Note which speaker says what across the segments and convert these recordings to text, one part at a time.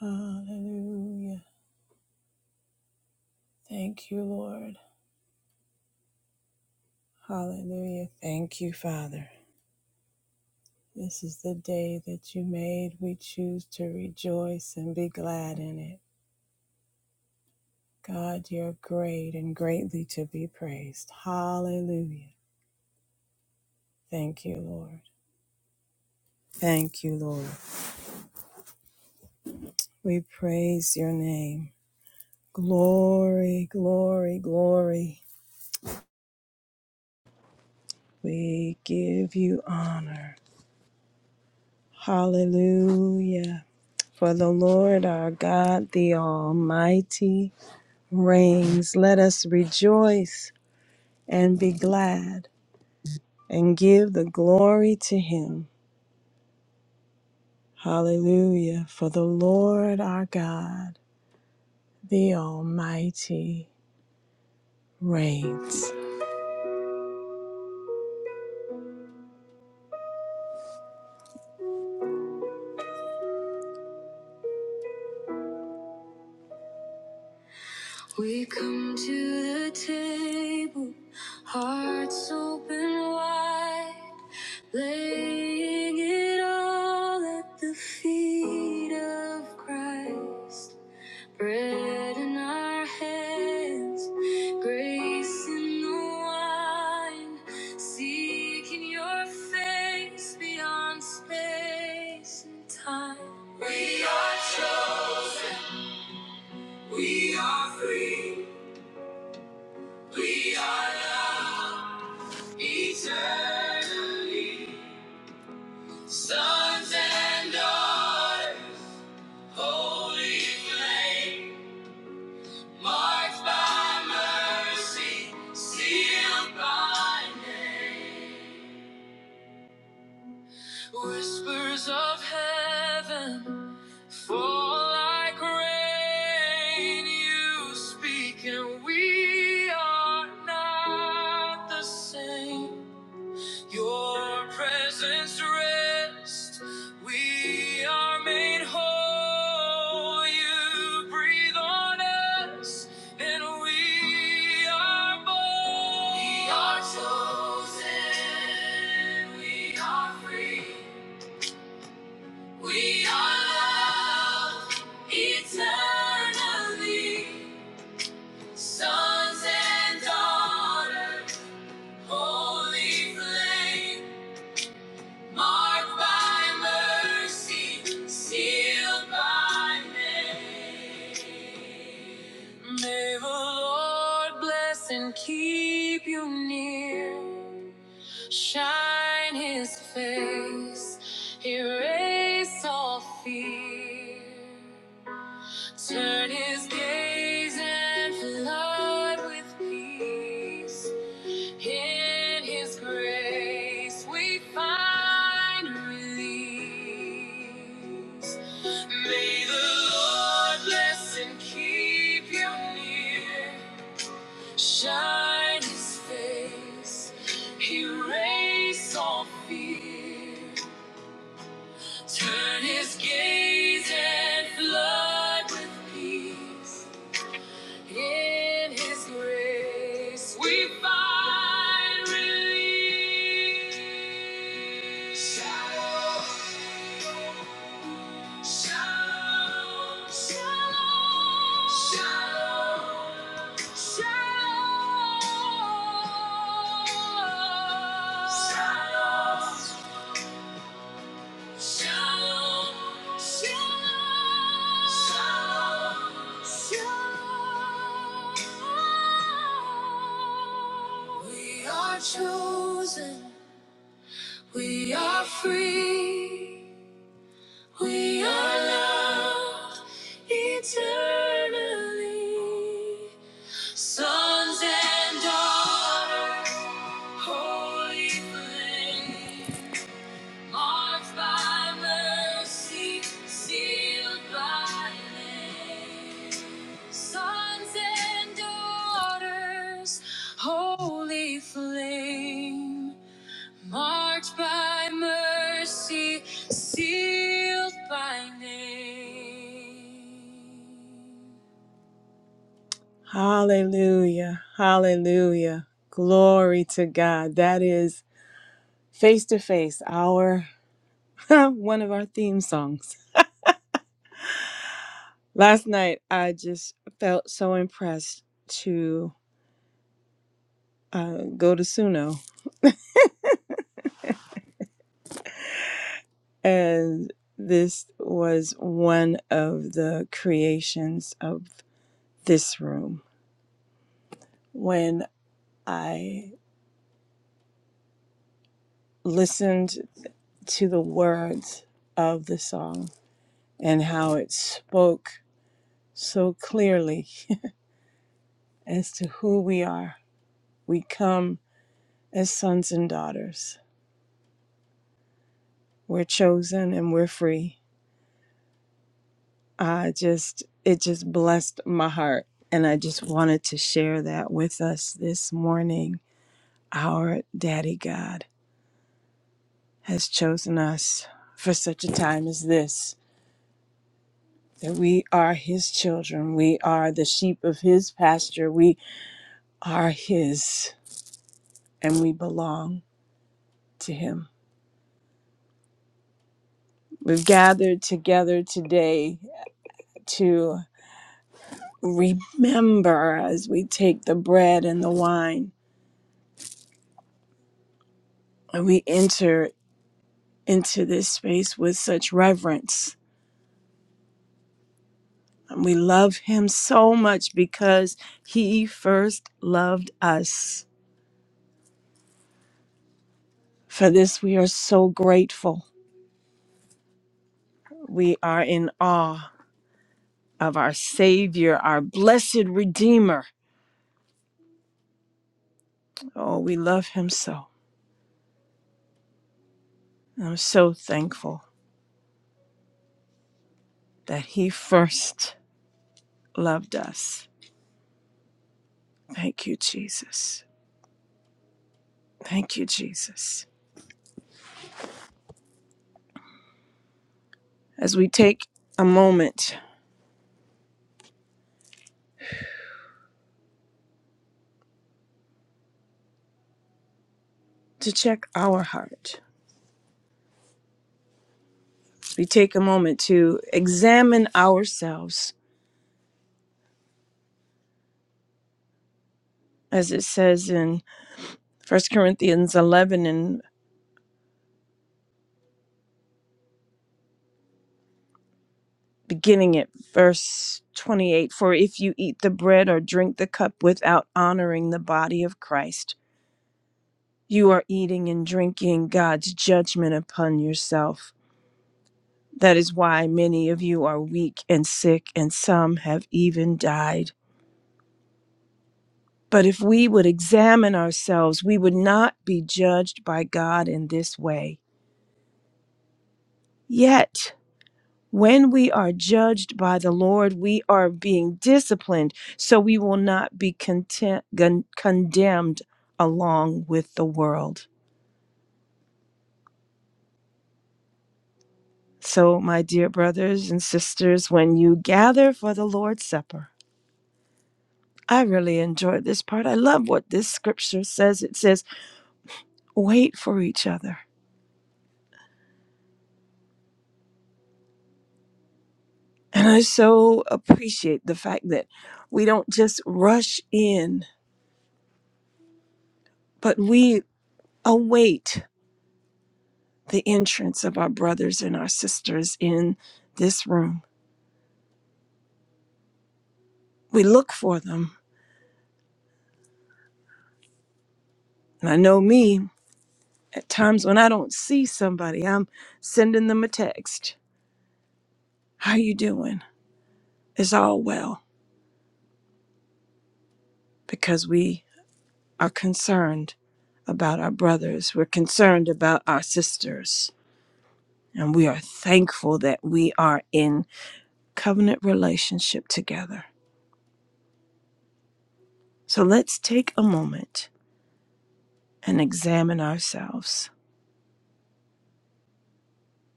Speaker 1: Hallelujah. Thank you, Lord. Hallelujah. Thank you, Father. This is the day that you made. We choose to rejoice and be glad in it. God, you're great and greatly to be praised. Hallelujah. Thank you, Lord. Thank you, Lord. We praise your name. Glory, glory, glory. We give you honor. Hallelujah. For the Lord our God, the Almighty, reigns. Let us rejoice and be glad and give the glory to Him. Hallelujah. For the Lord our God, the Almighty, reigns. We come to the table, hearts open wide, laying it all at the feet of Christ. Bread in our hands, grace in the wine, seeking your face beyond space and time. We are free, we are loved eternally. Sons and daughters, holy flame, marked by mercy, sealed by name. Whispers of heaven Fall like rain, you speak, and we are not the same. Your presence rests. we are made whole. You breathe on us, and we are born. We are chosen, we are free, we are loved eternally. Sons and daughters, holy flame, marked by mercy, sealed by name. May the Lord bless and keep you near, shine his face, erase all fear. Turn his gaze and flood with peace. In his grace we find release. May the Lord bless and keep you near. Shine his face, erase all fear. Turn his gaze and flood with peace. In His grace, we find relief. Shalom, shalom, shalom, shalom, shalom. Shalom. Shalom, shalom, shalom. shalom. We are chosen, we are free, we are loved eternally. Sons and daughters, holy flame. Marked by mercy, sealed by name. Sons and daughters, holy flame. Marked by mercy, sealed by name. Hallelujah, hallelujah. Glory to God. That is face to face, our one of our theme songs. Last night, I just felt so impressed to uh, go to Suno, and this was one of the creations of this room. When I listened to the words of the song and how it spoke so clearly as to who we are, we come as sons and daughters. We're chosen and we're free I just it just blessed my heart and I just wanted to share that with us this morning. Our daddy God has chosen us for such a time as this that we are his children. We are the sheep of his pasture. We are his and we belong to him. We've gathered together today to remember as we take the bread and the wine and we enter into this space with such reverence. And we love him so much because he first loved us. For this, we are so grateful. We are in awe of our Savior, our blessed Redeemer. Oh, we love him so. And I'm so thankful that he first loved us. Thank you, Jesus. Thank you, Jesus. As we take a moment to check our heart we take a moment to examine ourselves, as it says in First Corinthians 11 and beginning at verse 28 For if you eat the bread or drink the cup without honoring the body of Christ, you are eating and drinking God's judgment upon yourself. That is why many of you are weak and sick, and some have even died. But if we would examine ourselves, we would not be judged by God in this way. Yet, When we are judged by the Lord, we are being disciplined, so we will not be content, con- condemned along with the world. So, my dear brothers and sisters, when you gather for the Lord's Supper, I really enjoyed this part. I love what this scripture says. It says, wait for each other. And I so appreciate the fact that we don't just rush in, but we await the entrance of our brothers and our sisters in this room. We look for them. And I know me, at times when I don't see somebody, I'm sending them a text. How you doing? Is all well? Because we are concerned about our brothers. We're concerned about our sisters. And we are thankful that we are in covenant relationship together. So let's take a moment and examine ourselves.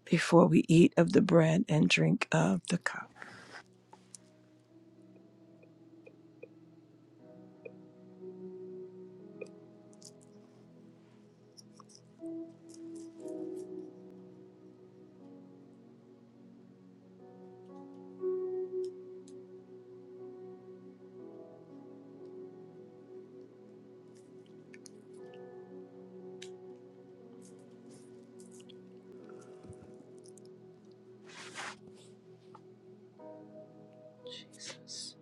Speaker 1: before we eat of the bread and drink of the cup. Jesus.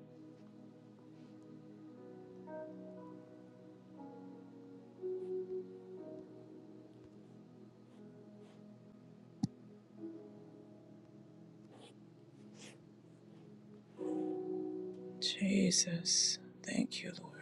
Speaker 1: Jesus. Thank you, Lord.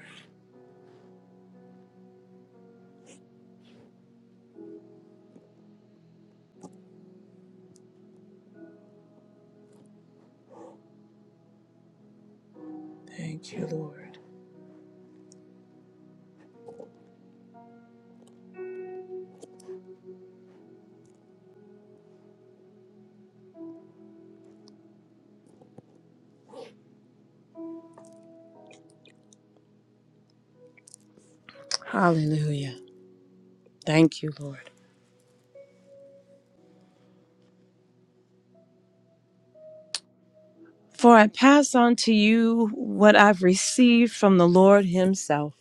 Speaker 1: Thank you, Lord. Hallelujah. Thank you, Lord. For I pass on to you what I've received from the Lord Himself.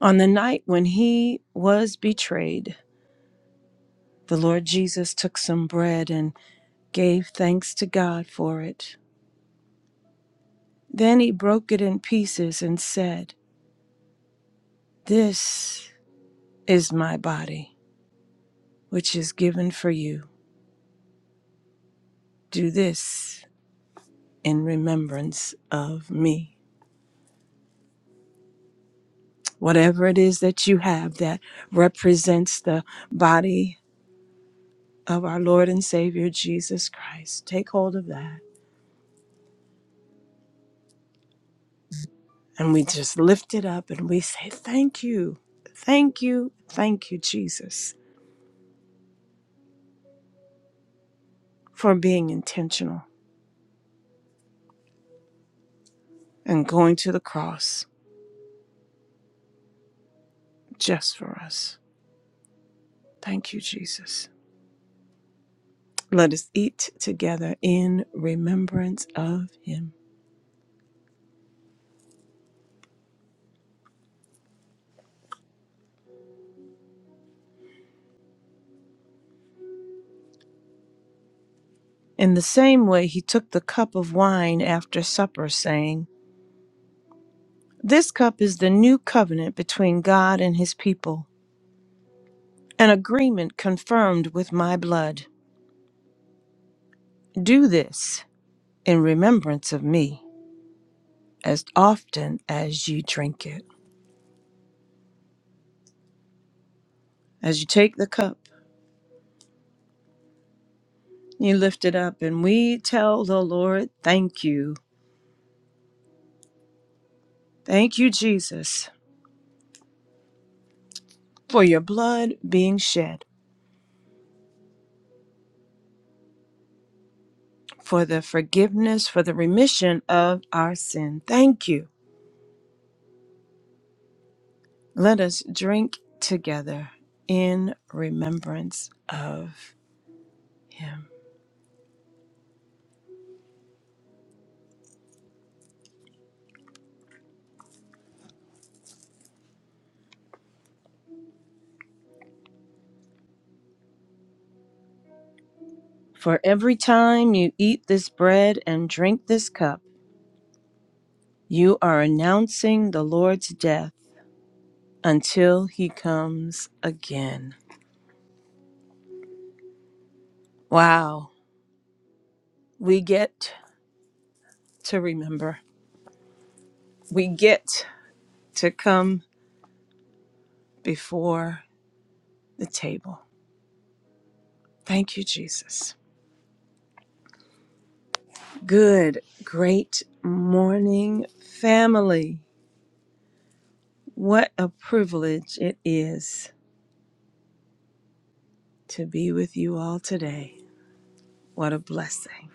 Speaker 1: On the night when He was betrayed, the Lord Jesus took some bread and gave thanks to God for it. Then He broke it in pieces and said, This is my body which is given for you. Do this in remembrance of me. Whatever it is that you have that represents the body of our Lord and Savior Jesus Christ, take hold of that. And we just lift it up and we say, Thank you, thank you, thank you, Jesus, for being intentional and going to the cross just for us. Thank you, Jesus. Let us eat together in remembrance of him. In the same way, he took the cup of wine after supper, saying, This cup is the new covenant between God and his people, an agreement confirmed with my blood. Do this in remembrance of me as often as you drink it. As you take the cup, you lift it up, and we tell the Lord, Thank you. Thank you, Jesus, for your blood being shed, for the forgiveness, for the remission of our sin. Thank you. Let us drink together in remembrance of him. For every time you eat this bread and drink this cup, you are announcing the Lord's death until he comes again. Wow. We get to remember. We get to come before the table. Thank you, Jesus. Good, great morning, family. What a privilege it is to be with you all today. What a blessing.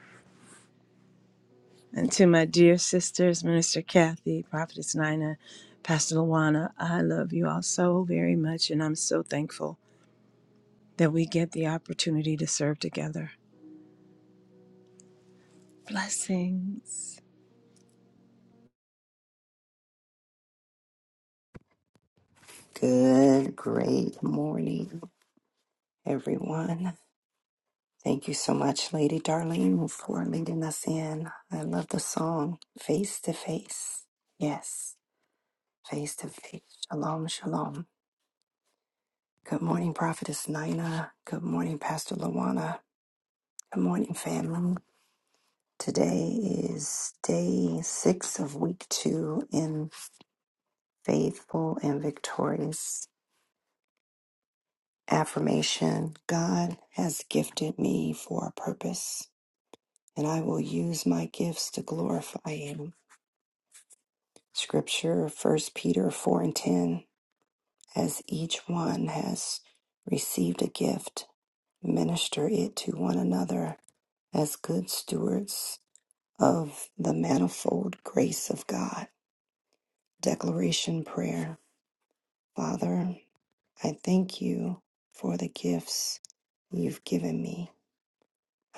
Speaker 1: And to my dear sisters, Minister Kathy, Prophetess Nina, Pastor Luana, I love you all so very much, and I'm so thankful that we get the opportunity to serve together. Blessings.
Speaker 2: Good, great morning, everyone. Thank you so much, Lady Darlene, for leading us in. I love the song, Face to Face. Yes, Face to Face. Shalom, shalom. Good morning, Prophetess Nina. Good morning, Pastor Lawana. Good morning, family. Today is day six of week two in Faithful and Victorious Affirmation. God has gifted me for a purpose. and I will use my gifts to glorify him. Scripture, First Peter 4 and 10. As each one has received a gift, minister it to one another as good stewards of the manifold grace of God. Declaration Prayer Father, I thank you for the gifts you've given me.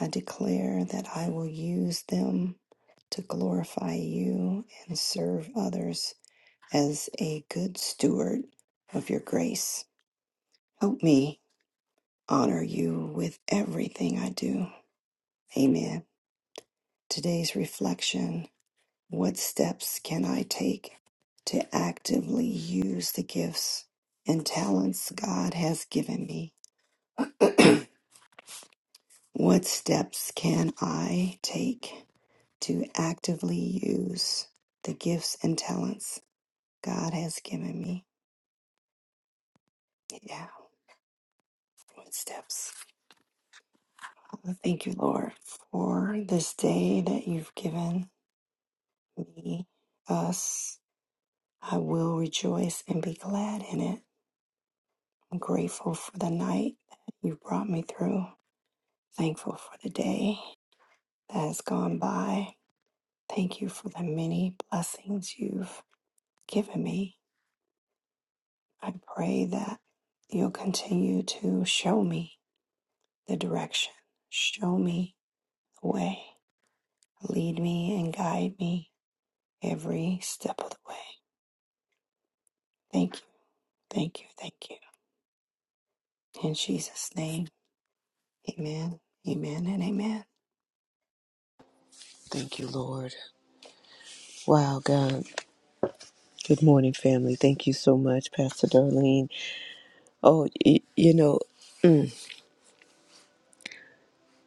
Speaker 2: I declare that I will use them to glorify you and serve others as a good steward of your grace. Help me honor you with everything I do. Amen. Today's reflection What steps can I take to actively use the gifts and talents God has given me? What steps can I take to actively use the gifts and talents God has given me? Yeah, what steps? I Thank you, Lord, for this day that you've given me, us. I will rejoice and be glad in it. I'm grateful for the night that you brought me through, thankful for the day that has gone by. Thank you for the many blessings you've given me. I pray that you'll continue to show me the direction, show me the way, lead me and guide me every step of the way. Thank you. Thank you. Thank you. In Jesus' name. Amen. Amen and amen.
Speaker 3: Thank you, Lord. Wow, God. Good morning, family. Thank you so much, Pastor Darlene. Oh, y- you know, mm,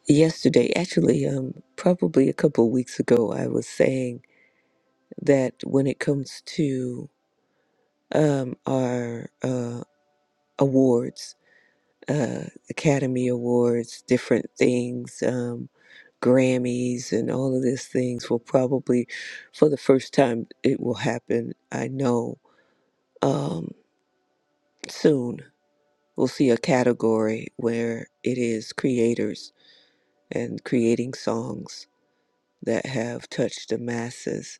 Speaker 3: yesterday, actually, um, probably a couple of weeks ago, I was saying that when it comes to um, our uh, awards, uh, Academy Awards, different things, um, Grammys, and all of these things will probably, for the first time, it will happen. I know um, soon. we'll see a category where it is creators and creating songs that have touched the masses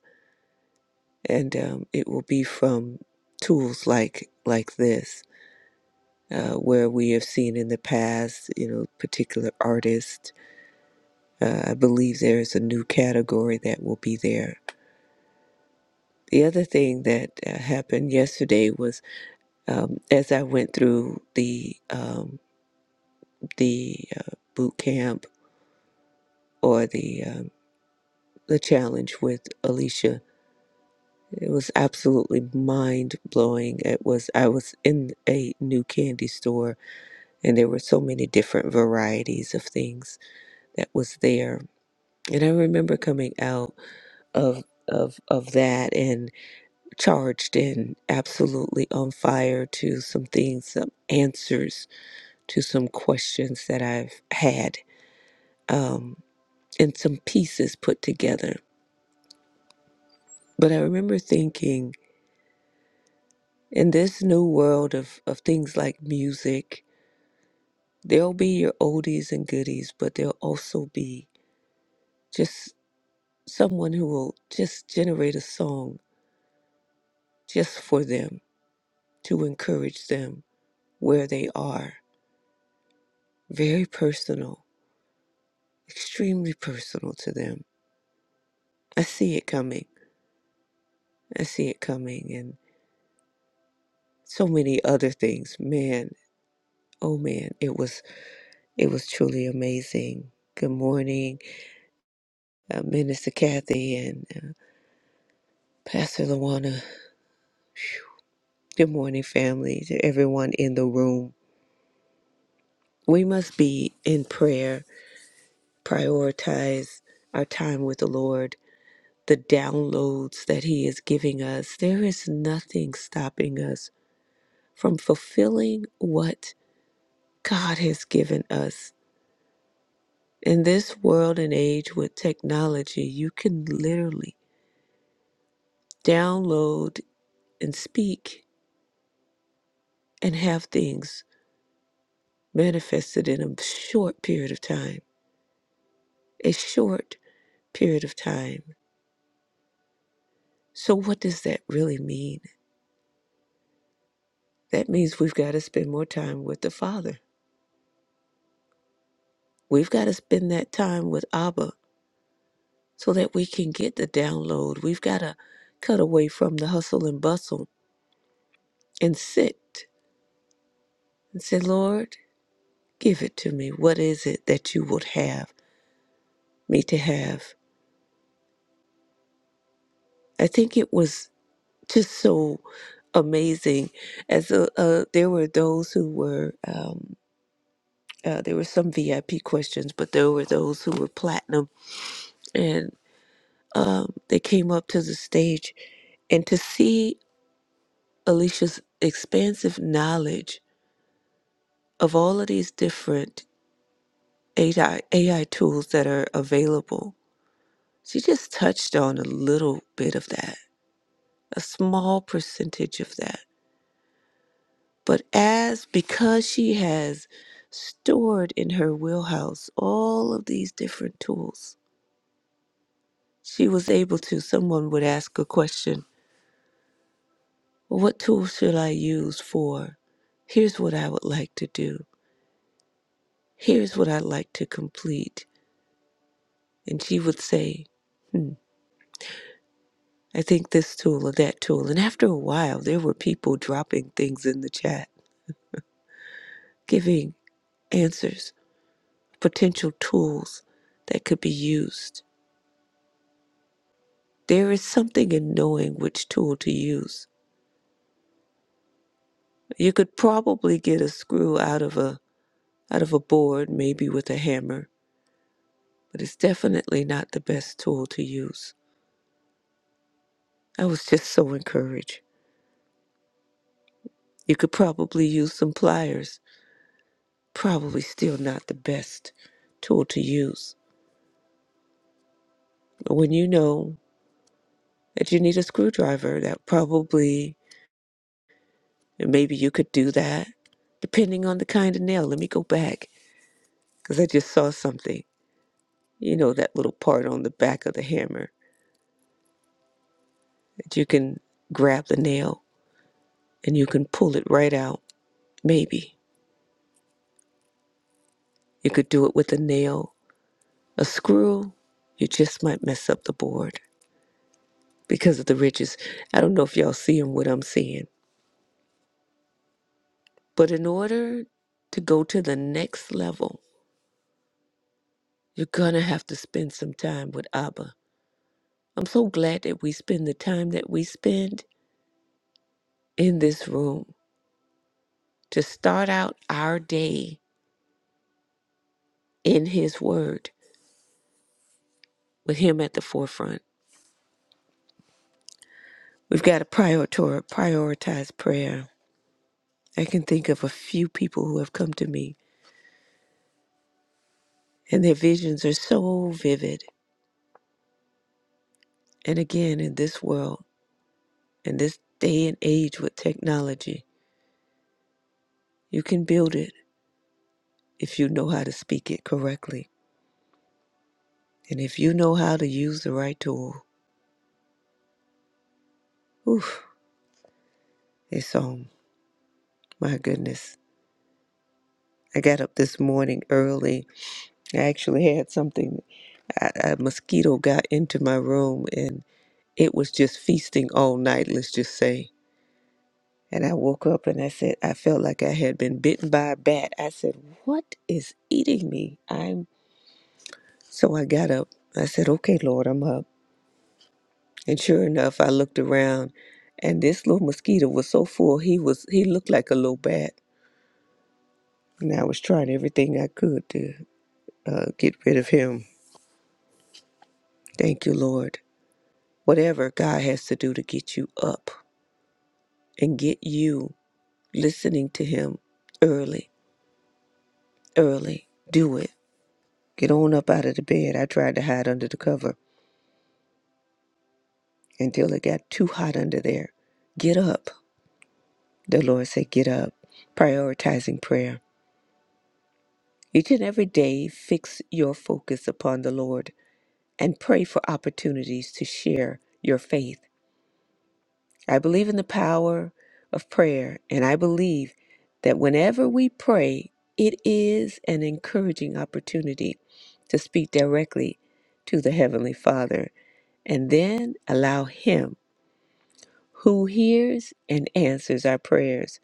Speaker 3: and um, it will be from tools like like this uh, where we have seen in the past you know particular artists uh, i believe there is a new category that will be there the other thing that uh, happened yesterday was um, as i went through the um, the uh, boot camp or the um, the challenge with Alicia. It was absolutely mind blowing. It was I was in a new candy store and there were so many different varieties of things that was there. And I remember coming out of of of that and charged and absolutely on fire to some things, some answers to some questions that I've had, um, and some pieces put together. But I remember thinking In this new world of, of things like music, there'll be your oldies and goodies, but there'll also be just someone who will just generate a song just for them to encourage them where they are. Very personal, extremely personal to them. I see it coming. I see it coming and so many other things. Man, oh man, it was it was truly amazing. Good morning, uh, Minister Kathy and uh, Pastor Lawana. Good morning, family, to everyone in the room. We must be in prayer, prioritize our time with the Lord, the downloads that He is giving us. There is nothing stopping us from fulfilling what God has given us. In this world and age with technology, you can literally download and speak and have things manifested in a short period of time. A short period of time. So, what does that really mean? That means we've got to spend more time with the Father. We've got to spend that time with Abba so that we can get the download. We've got to cut away from the hustle and bustle and sit and say, Lord, give it to me. What is it that you would have me to have? I think it was just so amazing as uh, uh, there were those who were um, uh, there were some VIP questions, but there were those who were platinum um, they came up to the stage and to see Alicia's expansive knowledge of all of these different AI, AI tools that are available, she just touched on a little bit of that, a small percentage of that. But as because she has stored in her wheelhouse all of these different tools, she was able to. Someone would ask a question What tool should I use for? Here's what I would like to do. Here's what I'd like to complete. And she would say, hmm, I think this tool or that tool. And after a while, there were people dropping things in the chat, giving answers, potential tools that could be used. There is something in knowing which tool to use. You could probably get a screw out of a out of a board, maybe with a hammer, but it's definitely not the best tool to use. I was just so encouraged. You could probably use some pliers, probably still not the best tool to use. But when you know that you need a screwdriver, that probably, and maybe you could do that, depending on the kind of nail. Let me go back, because I just saw something. You know, that little part on the back of the hammer that you can grab the nail and you can pull it right out. Maybe you could do it with a nail. A screw, you just might mess up the board. because of the riches. I don't know if y'all seeing what I'm seeing. But in order to go to the next level, you're going to have to spend some time with Abba. I'm so glad that we spend the time that we spend in this room to start out our day in His Word with Him at the forefront. We've got to prioritor- prioritize prayer. I can think of a few people who have come to me and their visions are so vivid. And again, in this world, In this day and age with technology, you can build it if you know how to speak it correctly. And if you know how to use the right tool, oof, it's on. My goodness. I got up this morning early. I actually had something. I, a mosquito got into my room and it was just feasting all night, let's just say. And I woke up and I said, I felt like I had been bitten by a bat. I said, What is eating me? I'm. So I got up. I said, Okay, Lord, I'm up. And sure enough, I looked around, and this little mosquito was so full. He was he looked like a little bat, and I was trying everything I could to uh, get rid of him. Thank you, Lord. Whatever God has to do to get you up and get you listening to Him early, early, do it. Get on up out of the bed. I tried to hide under the cover until it got too hot under there. Get up. The Lord said, Get up. Prioritizing prayer. Each and every day, fix your focus upon the Lord and pray for opportunities to share your faith. I believe in the power of prayer, and I believe that whenever we pray, it is an encouraging opportunity to speak directly to the Heavenly Father and then allow Him, who hears and answers our prayers,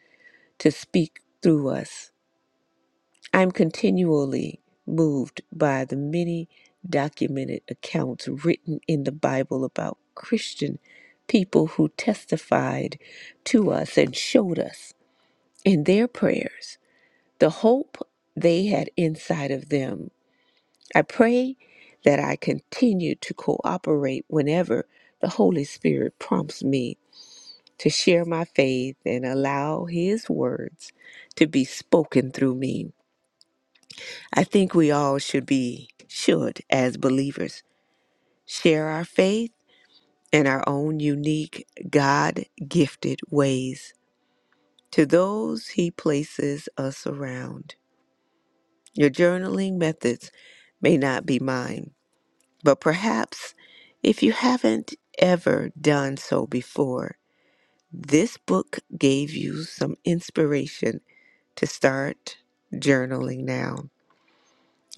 Speaker 3: to speak through us. I'm continually moved by the many documented accounts written in the Bible about Christian people who testified to us and showed us in their prayers the hope they had inside of them. I pray that I continue to cooperate whenever the Holy Spirit prompts me to share my faith and allow His words to be spoken through me. I think we all should be, should, as believers, share our faith in our own unique, God gifted ways to those He places us around. Your journaling methods may not be mine, but perhaps if you haven't ever done so before, this book gave you some inspiration to start journaling now.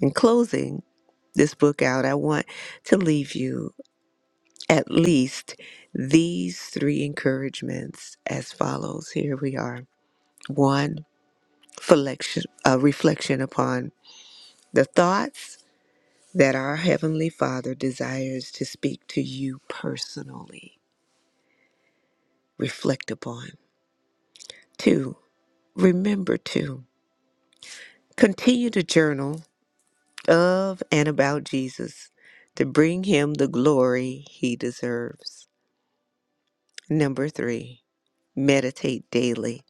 Speaker 3: In closing this book out, I want to leave you at least these three encouragements as follows. Here we are. One, reflection, uh, reflection upon the thoughts that our Heavenly Father desires to speak to you personally. Reflect upon. Two, remember to continue to journal of and about Jesus to bring him the glory he deserves. Number three, meditate daily.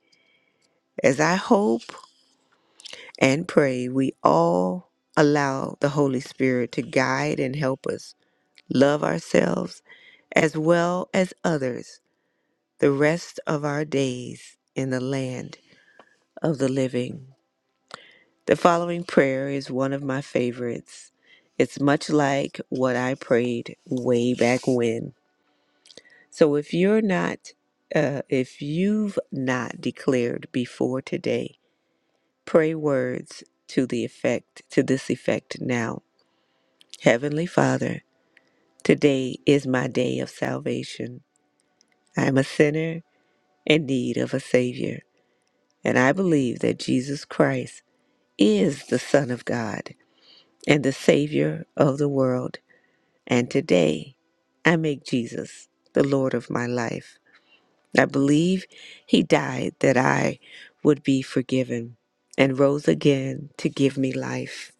Speaker 3: As I hope and pray we all allow the Holy Spirit to guide and help us love ourselves as well as others the rest of our days in the land of the living. The following prayer is one of my favorites. It's much like what I prayed way back when. So if you're not, uh, if you've not declared before today, pray words to the effect, to this effect now. Heavenly Father, today is my day of salvation. I am a sinner in need of a Savior, and I believe that Jesus Christ is the Son of God and the Savior of the world. And today, I make Jesus the Lord of my life. I believe He died that I would be forgiven and rose again to give me life.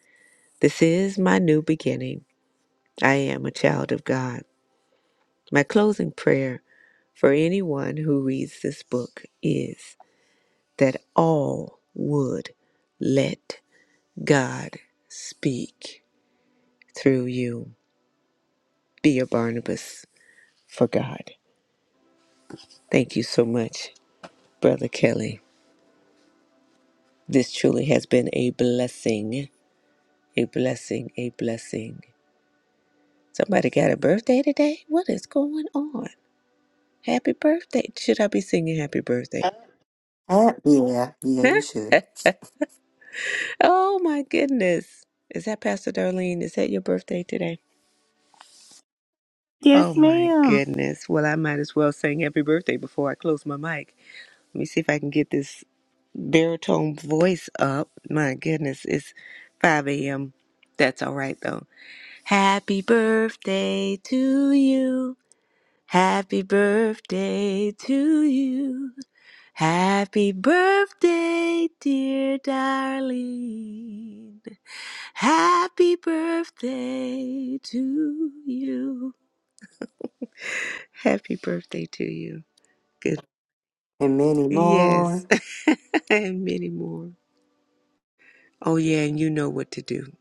Speaker 3: This is my new beginning. I am a child of God. My closing prayer for anyone who reads this book is that all would let God speak through you. Be a Barnabas for God. Thank you so much, Brother Kelly. This truly has been a blessing, a blessing, a blessing. Somebody got a birthday today? What is going on? Happy birthday. Should I be singing happy birthday? Huh?
Speaker 2: Uh, yeah. Yeah, you should.
Speaker 3: Oh my goodness. Is that Pastor Darlene? Is that your birthday today?
Speaker 1: Yes,
Speaker 3: Oh my
Speaker 1: ma'am.
Speaker 3: goodness. Well, I might as well sing happy birthday before I close my mic. Let me see if I can get this baritone voice up. My goodness, it's 5 a.m. That's all right though. Happy birthday to you. Happy birthday to you. Happy birthday, dear darling. Happy birthday to you. Happy birthday to you. Good.
Speaker 2: And many
Speaker 3: Yes.
Speaker 2: more.
Speaker 3: and many more. Oh, yeah. And you know what to do.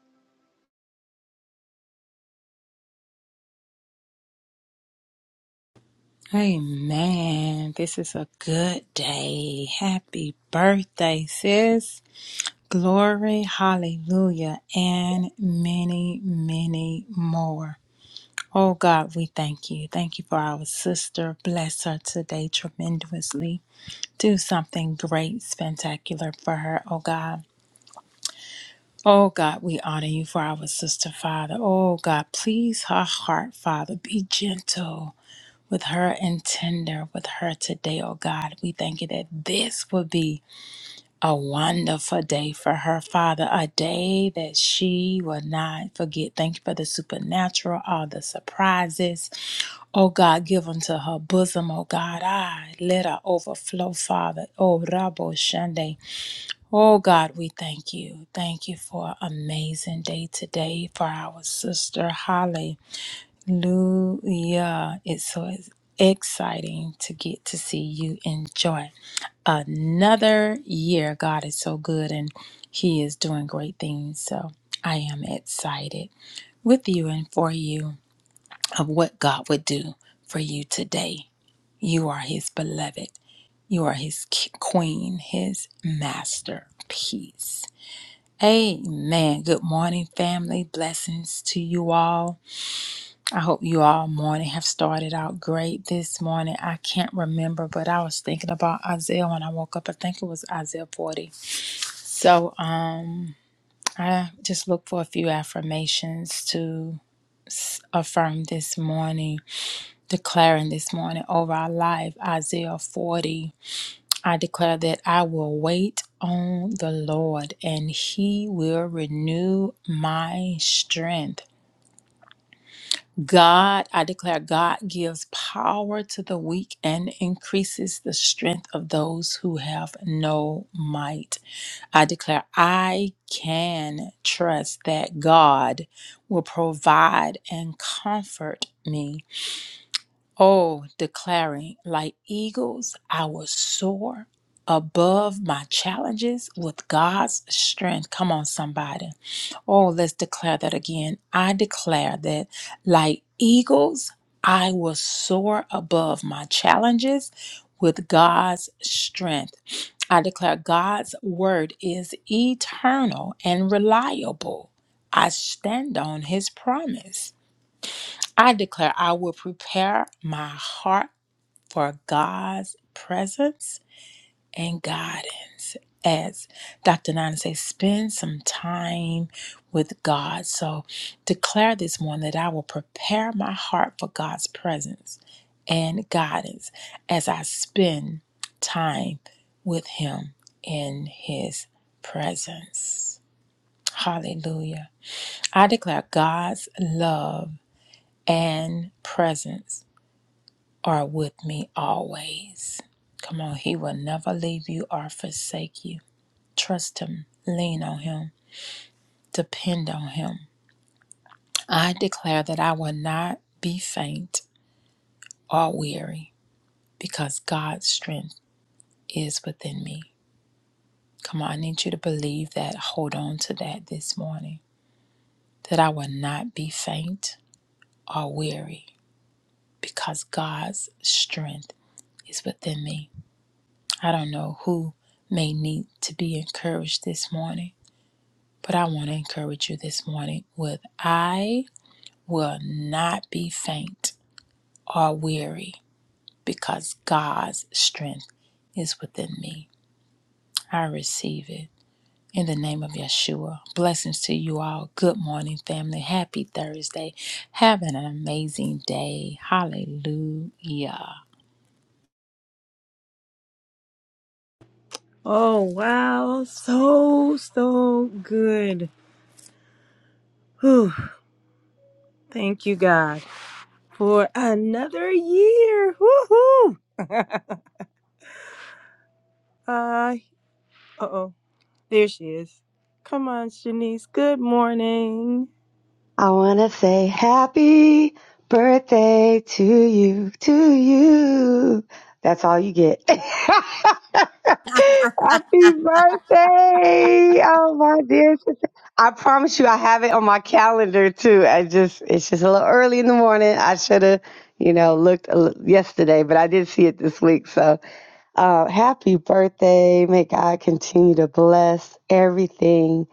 Speaker 4: Amen. This is a good day. Happy birthday, sis. Glory, hallelujah, and many, many more. Oh God, we thank you. Thank you for our sister. Bless her today tremendously. Do something great, spectacular for her, oh God. Oh God, we honor you for our sister, Father. Oh God, please her heart, Father. Be gentle with her and tender with her today, oh God. We thank you that this will be a wonderful day for her, Father, a day that she will not forget. Thank you for the supernatural, all the surprises. Oh God, give unto her bosom, oh God. Ah, let her overflow, Father. Oh, Rabo Shande. Oh God, we thank you. Thank you for an amazing day today for our sister Holly. Hallelujah. It's so ex- exciting to get to see you enjoy another year. God is so good and He is doing great things. So I am excited with you and for you of what God would do for you today. You are His beloved, you are His ki- queen, His masterpiece. Amen. Good morning, family. Blessings to you all. I hope you all morning have started out great this morning. I can't remember, but I was thinking about Isaiah when I woke up. I think it was Isaiah 40. So, um, I just look for a few affirmations to s- affirm this morning, declaring this morning over our life. Isaiah 40. I declare that I will wait on the Lord and he will renew my strength. God, I declare, God gives power to the weak and increases the strength of those who have no might. I declare, I can trust that God will provide and comfort me. Oh, declaring, like eagles, I will soar above my challenges with God's strength. Come on, somebody. Oh, let's declare that again. I declare that, like eagles, I will soar above my challenges with God's strength. I declare God's word is eternal and reliable. I stand on his promise. I declare I will prepare my heart for God's presence and guidance. As Dr. Nana says, spend some time with God. So declare this morning that I will prepare my heart for God's presence and guidance as I spend time with Him in His presence. Hallelujah. I declare God's love and presence are with me always. Come on, He will never leave you or forsake you. Trust Him, lean on Him, depend on Him. I declare that I will not be faint or weary because God's strength is within me. Come on, I need you to believe that. Hold on to that this morning. That I will not be faint or weary because God's strength is within me. I don't know who may need to be encouraged this morning, but I want to encourage you this morning with I will not be faint are weary because God's strength is within me. I receive it in the name of Yeshua. Blessings to you all. Good morning, family. Happy Thursday. Having an amazing day. Hallelujah.
Speaker 1: Oh, wow. So, so good. Whew. Thank you, God, for another year. Woohoo. Uh, uh-oh. There she is. Come on, Shanice. Good morning.
Speaker 5: I wanna say happy birthday to you, to you. That's all you get. happy birthday. Oh my dear sister. I promise you I have it on my calendar too. I just it's just a little early in the morning. I should have, you know, looked a li- yesterday, but I did see it this week. So, uh happy birthday. May God continue to bless everything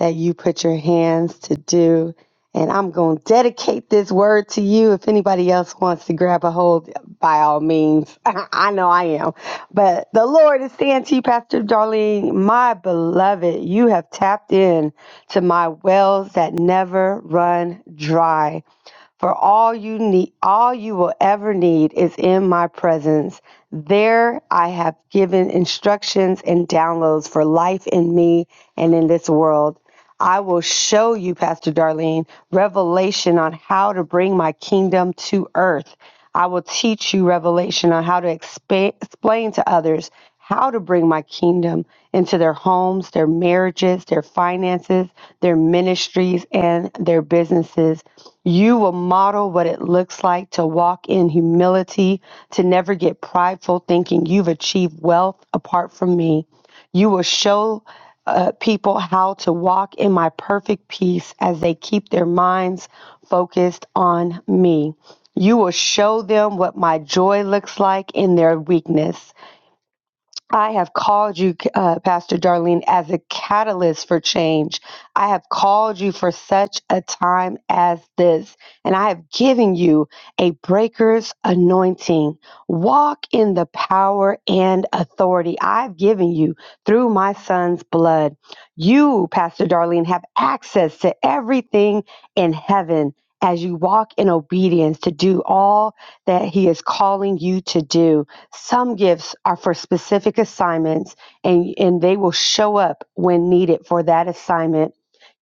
Speaker 5: that you put your hands to do and I'm going to dedicate this word to you. If anybody else wants to grab a hold, by all means, I know I am. But the Lord is saying to you, Pastor Darlene, my beloved, you have tapped in to my wells that never run dry. For all you need, all you will ever need is in my presence. There I have given instructions and downloads for life in me and in this world. I will show you, Pastor Darlene, revelation on how to bring my kingdom to earth. I will teach you revelation on how to expa- explain to others how to bring my kingdom into their homes, their marriages, their finances, their ministries, and their businesses. You will model what it looks like to walk in humility, to never get prideful thinking you've achieved wealth apart from me. You will show uh, people how to walk in my perfect peace as they keep their minds focused on me. You will show them what my joy looks like in their weakness. I have called you, uh, Pastor Darlene, as a catalyst for change. I have called you for such a time as this, and I have given you a breaker's anointing. Walk in the power and authority I've given you through my son's blood. You, Pastor Darlene, have access to everything in heaven. As you walk in obedience to do all that He is calling you to do. Some gifts are for specific assignments and, and they will show up when needed for that assignment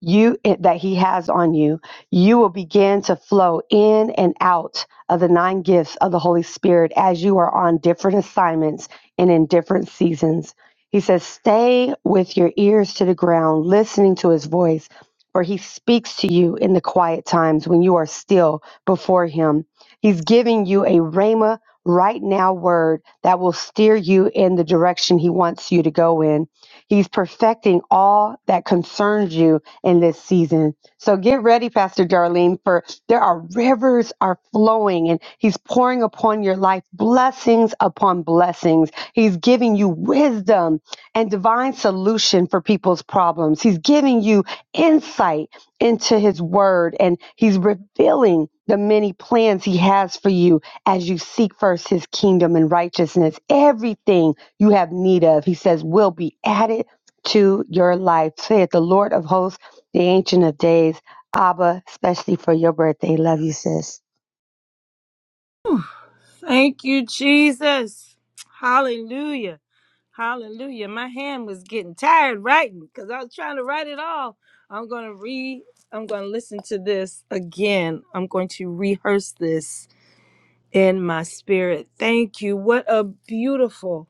Speaker 5: you that he has on you. You will begin to flow in and out of the nine gifts of the Holy Spirit as you are on different assignments and in different seasons. He says, stay with your ears to the ground, listening to his voice, for he speaks to you in the quiet times when you are still before him. He's giving you a rhema right now word that will steer you in the direction He wants you to go in. He's perfecting all that concerns you in this season. So get ready, Pastor Darlene, for there are rivers are flowing and He's pouring upon your life blessings upon blessings. He's giving you wisdom and divine solution for people's problems. He's giving you insight into His word and He's revealing the many plans He has for you as you seek first his kingdom and righteousness, everything you have need of, he says, will be added to your life. Say it, the Lord of hosts, the Ancient of Days, Abba, especially for your birthday. Love you, sis.
Speaker 1: Thank you, Jesus. Hallelujah. Hallelujah. My hand was getting tired writing because I was trying to write it all. I'm going to read, I'm going to listen to this again. I'm going to rehearse this in my spirit. Thank you. What a beautiful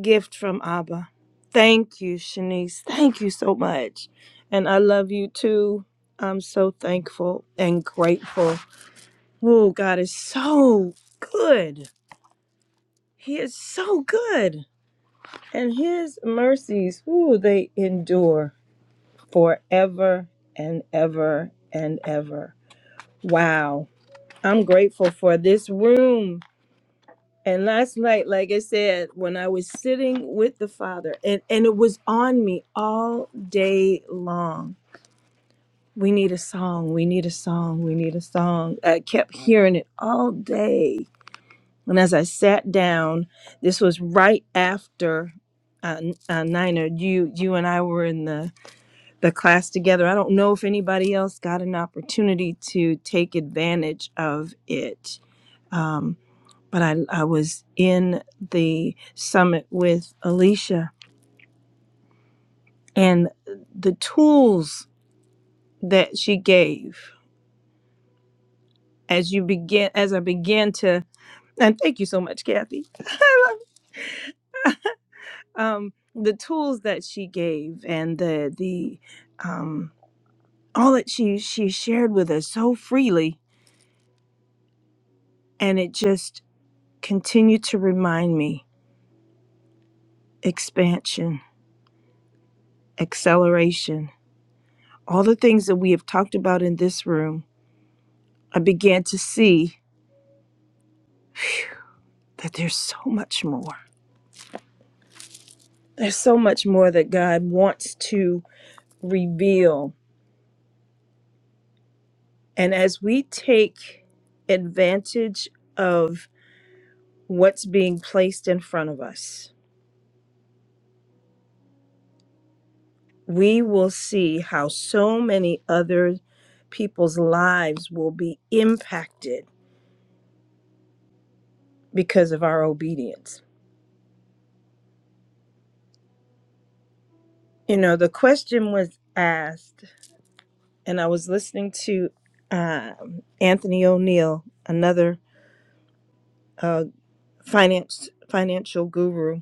Speaker 1: gift from Abba. Thank you, Shanice. Thank you so much. And I love you too. I'm so thankful and grateful. Oh, God is so good. He is so good. And his mercies, ooh, they endure forever and ever and ever. Wow. I'm grateful for this room. And last night, like I said, when I was sitting with the Father, and, and it was on me all day long. We need a song. We need a song. We need a song. I kept hearing it all day And as I sat down, this was right after uh, N- uh, Nina, you you and I were in the the class together. I don't know if anybody else got an opportunity to take advantage of it, um, but I I was in the summit with Alicia and the tools that she gave as you begin as I began to. And thank you so much, Kathy. um, the tools that she gave and the the um, all that she she shared with us so freely, and it just continued to remind me expansion, acceleration, all the things that we have talked about in this room. I began to see that there's so much more. There's so much more that God wants to reveal, and as we take advantage of what's being placed in front of us we will see how so many other people's lives will be impacted because of our obedience. You know, the question was asked, and I was listening to um, Anthony O'Neill, another uh, finance financial guru,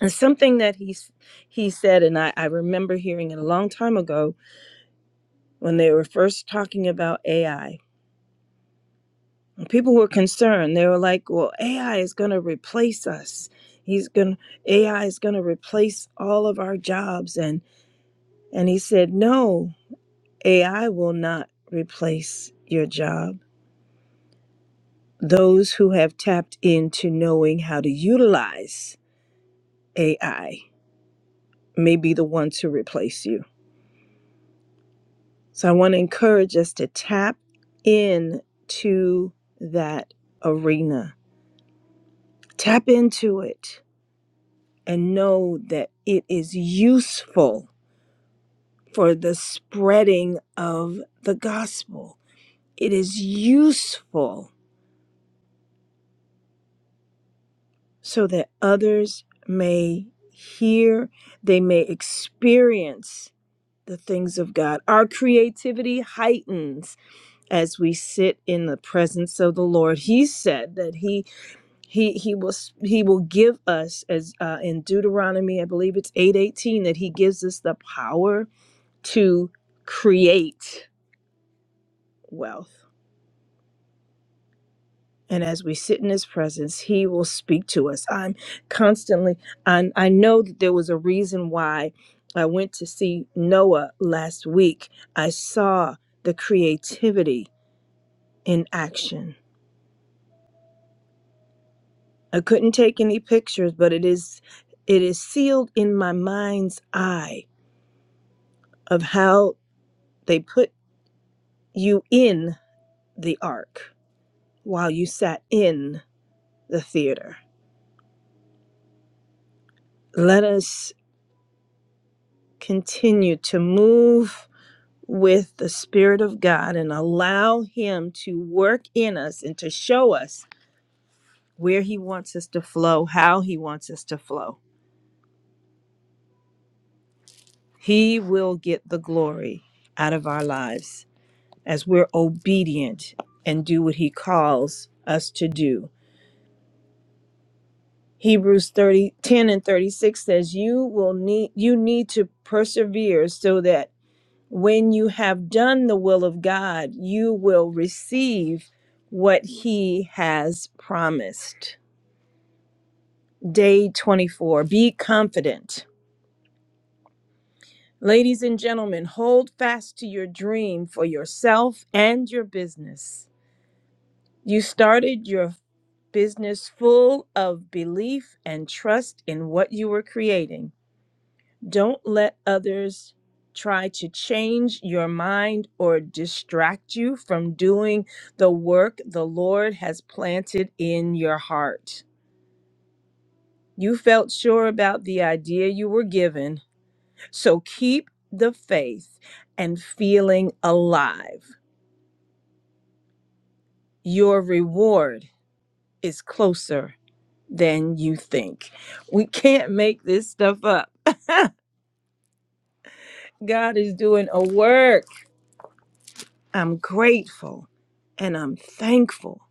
Speaker 1: and something that he s- he said, and I, I remember hearing it a long time ago when they were first talking about AI people were concerned. They were like, "Well, AI is going to replace us. He's going AI is going to replace all of our jobs." And and he said, "No, AI will not replace your job. Those who have tapped into knowing how to utilize AI may be the ones who replace you." So I want to encourage us to tap into that arena. Tap into it and know that it is useful for the spreading of the gospel. It is useful so that others may hear, they may experience the things of God. Our creativity heightens as we sit in the presence of the Lord. He said that he he he will he will give us as uh, in Deuteronomy, I believe it's 8:18 that he gives us the power to create wealth. And as we sit in his presence, he will speak to us. I'm constantly, i I know that there was a reason why I went to see Noah last week. I saw the creativity in action. I couldn't take any pictures, but it is it is sealed in my mind's eye of how they put you in the ark while you sat in the theater. Let us continue to move with the Spirit of God and allow Him to work in us and to show us where He wants us to flow, how He wants us to flow. He will get the glory out of our lives as we're obedient and do what He calls us to do. Hebrews 30 10 and 36 says, You will need you need to persevere so that When you have done the will of God, you will receive what He has promised. Day 24 Be confident. Ladies and gentlemen, hold fast to your dream for yourself and your business. You started your business full of belief and trust in what you were creating. Don't let others try to change your mind or distract you from doing the work the Lord has planted in your heart. You felt sure about the idea you were given, so keep the faith and feeling alive. Your reward is closer than you think. We can't make this stuff up. God is doing a work I'm grateful and I'm thankful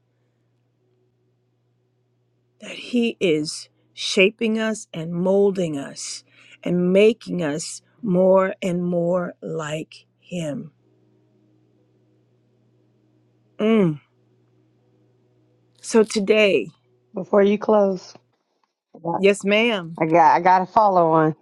Speaker 1: that He is shaping us and molding us and making us more and more like Him. Mm. So today,
Speaker 5: Before you close, I
Speaker 1: yes, ma'am.
Speaker 5: got, I got a follow on.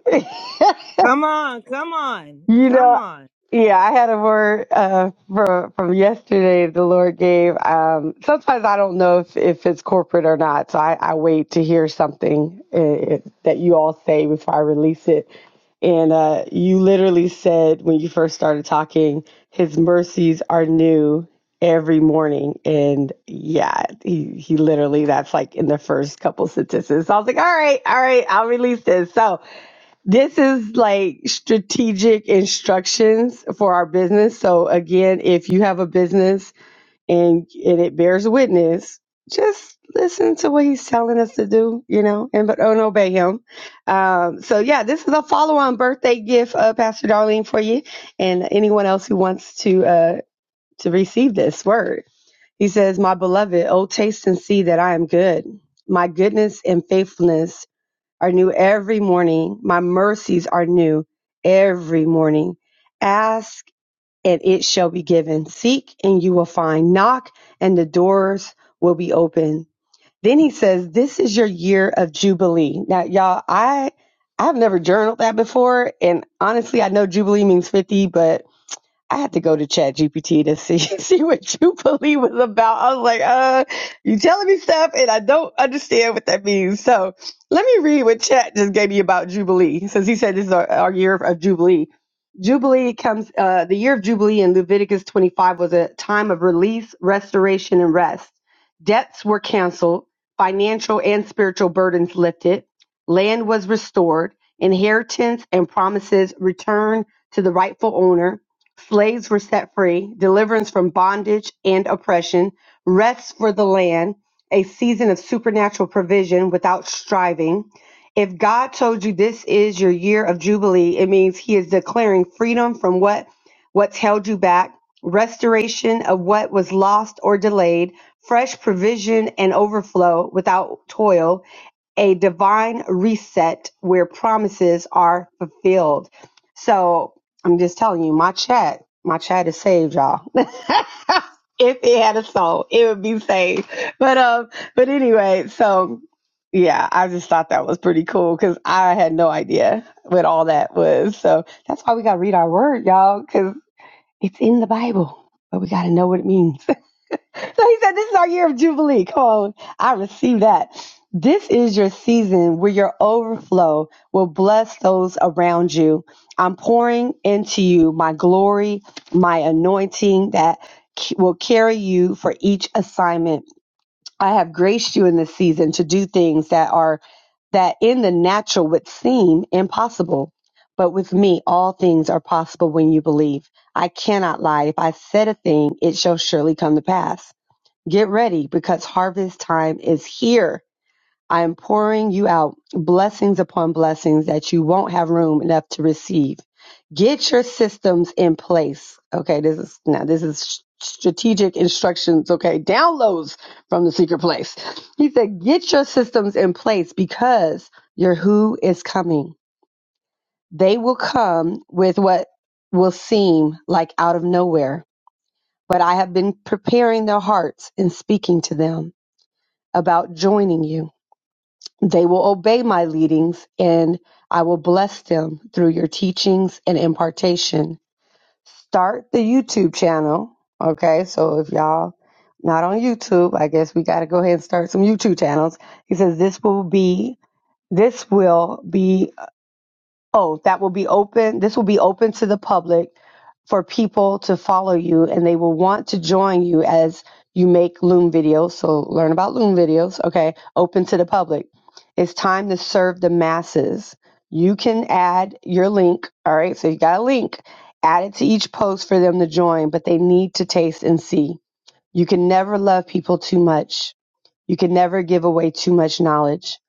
Speaker 1: Come on, come on,
Speaker 5: You know,
Speaker 1: come on.
Speaker 5: Yeah, I had a word uh, from from yesterday. The Lord gave. Um, sometimes I don't know if, if it's corporate or not, so I, I wait to hear something uh that you all say before I release it. And uh, you literally said when you first started talking, His mercies are new every morning. And yeah, he he literally that's like in the first couple sentences. So I was like, all right, all right, I'll release this. So this is like strategic instructions for our business. So again, if you have a business and and it bears witness, just listen to what he's telling us to do, you know, and but oh, and obey him. Um, so yeah, this is a follow-on birthday gift, uh, Pastor Darlene, for you and anyone else who wants to uh, to receive this word. He says, "My beloved, oh taste and see that I am good. My goodness and faithfulness." are new every morning. My mercies are new every morning. Ask and it shall be given. Seek and you will find. Knock and the doors will be open. Then he says, this is your year of Jubilee. Now, y'all, I, I've never journaled that before. And honestly, I know Jubilee means 50, but I had to go to Chat GPT to see see what Jubilee was about. I was like, uh, you telling me stuff and I don't understand what that means. So let me read what Chat just gave me about Jubilee, since he said this is our, our year of Jubilee. Jubilee comes uh, the year of Jubilee in Leviticus 25 was a time of release, restoration, and rest. Debts were canceled, financial and spiritual burdens lifted, land was restored, inheritance and promises returned to the rightful owner Slaves were set free, deliverance from bondage and oppression, rest for the land, a season of supernatural provision without striving. If God told you this is your year of jubilee, it means he is declaring freedom from what what's held you back, restoration of what was lost or delayed, fresh provision and overflow without toil, a divine reset where promises are fulfilled. So I'm just telling you, my chat, my chat is saved, y'all. if it had a soul, it would be saved. But um, but anyway, so yeah, I just thought that was pretty cool because I had no idea what all that was. So that's why we gotta read our word, y'all, because it's in the Bible, but we gotta know what it means. So he said, This is our year of Jubilee. Come on. I receive that. This is your season where your overflow will bless those around you. I'm pouring into you my glory, my anointing that c- will carry you for each assignment. I have graced you in this season to do things that are that in the natural would seem impossible. But with me, all things are possible when you believe. I cannot lie. If I said a thing, it shall surely come to pass. Get ready because harvest time is here. I am pouring you out blessings upon blessings that you won't have room enough to receive. Get your systems in place. Okay, this is now this is s- strategic instructions, okay? Downloads from the secret place. He said, "Get your systems in place because your who is coming. They will come with what will seem like out of nowhere, but I have been preparing their hearts and speaking to them about joining you. They will obey my leadings, and I will bless them through your teachings and impartation. Start the YouTube channel. Okay, so if y'all not on YouTube, I guess we got to go ahead and start some YouTube channels. He says this will be this will be Oh, that will be open. This will be open to the public for people to follow you and they will want to join you as you make Loom videos. So learn about Loom videos. Okay. Open to the public. It's time to serve the masses. You can add your link. All right. So you got a link. Add it to each post for them to join, but they need to taste and see. You can never love people too much you can never give away too much knowledge.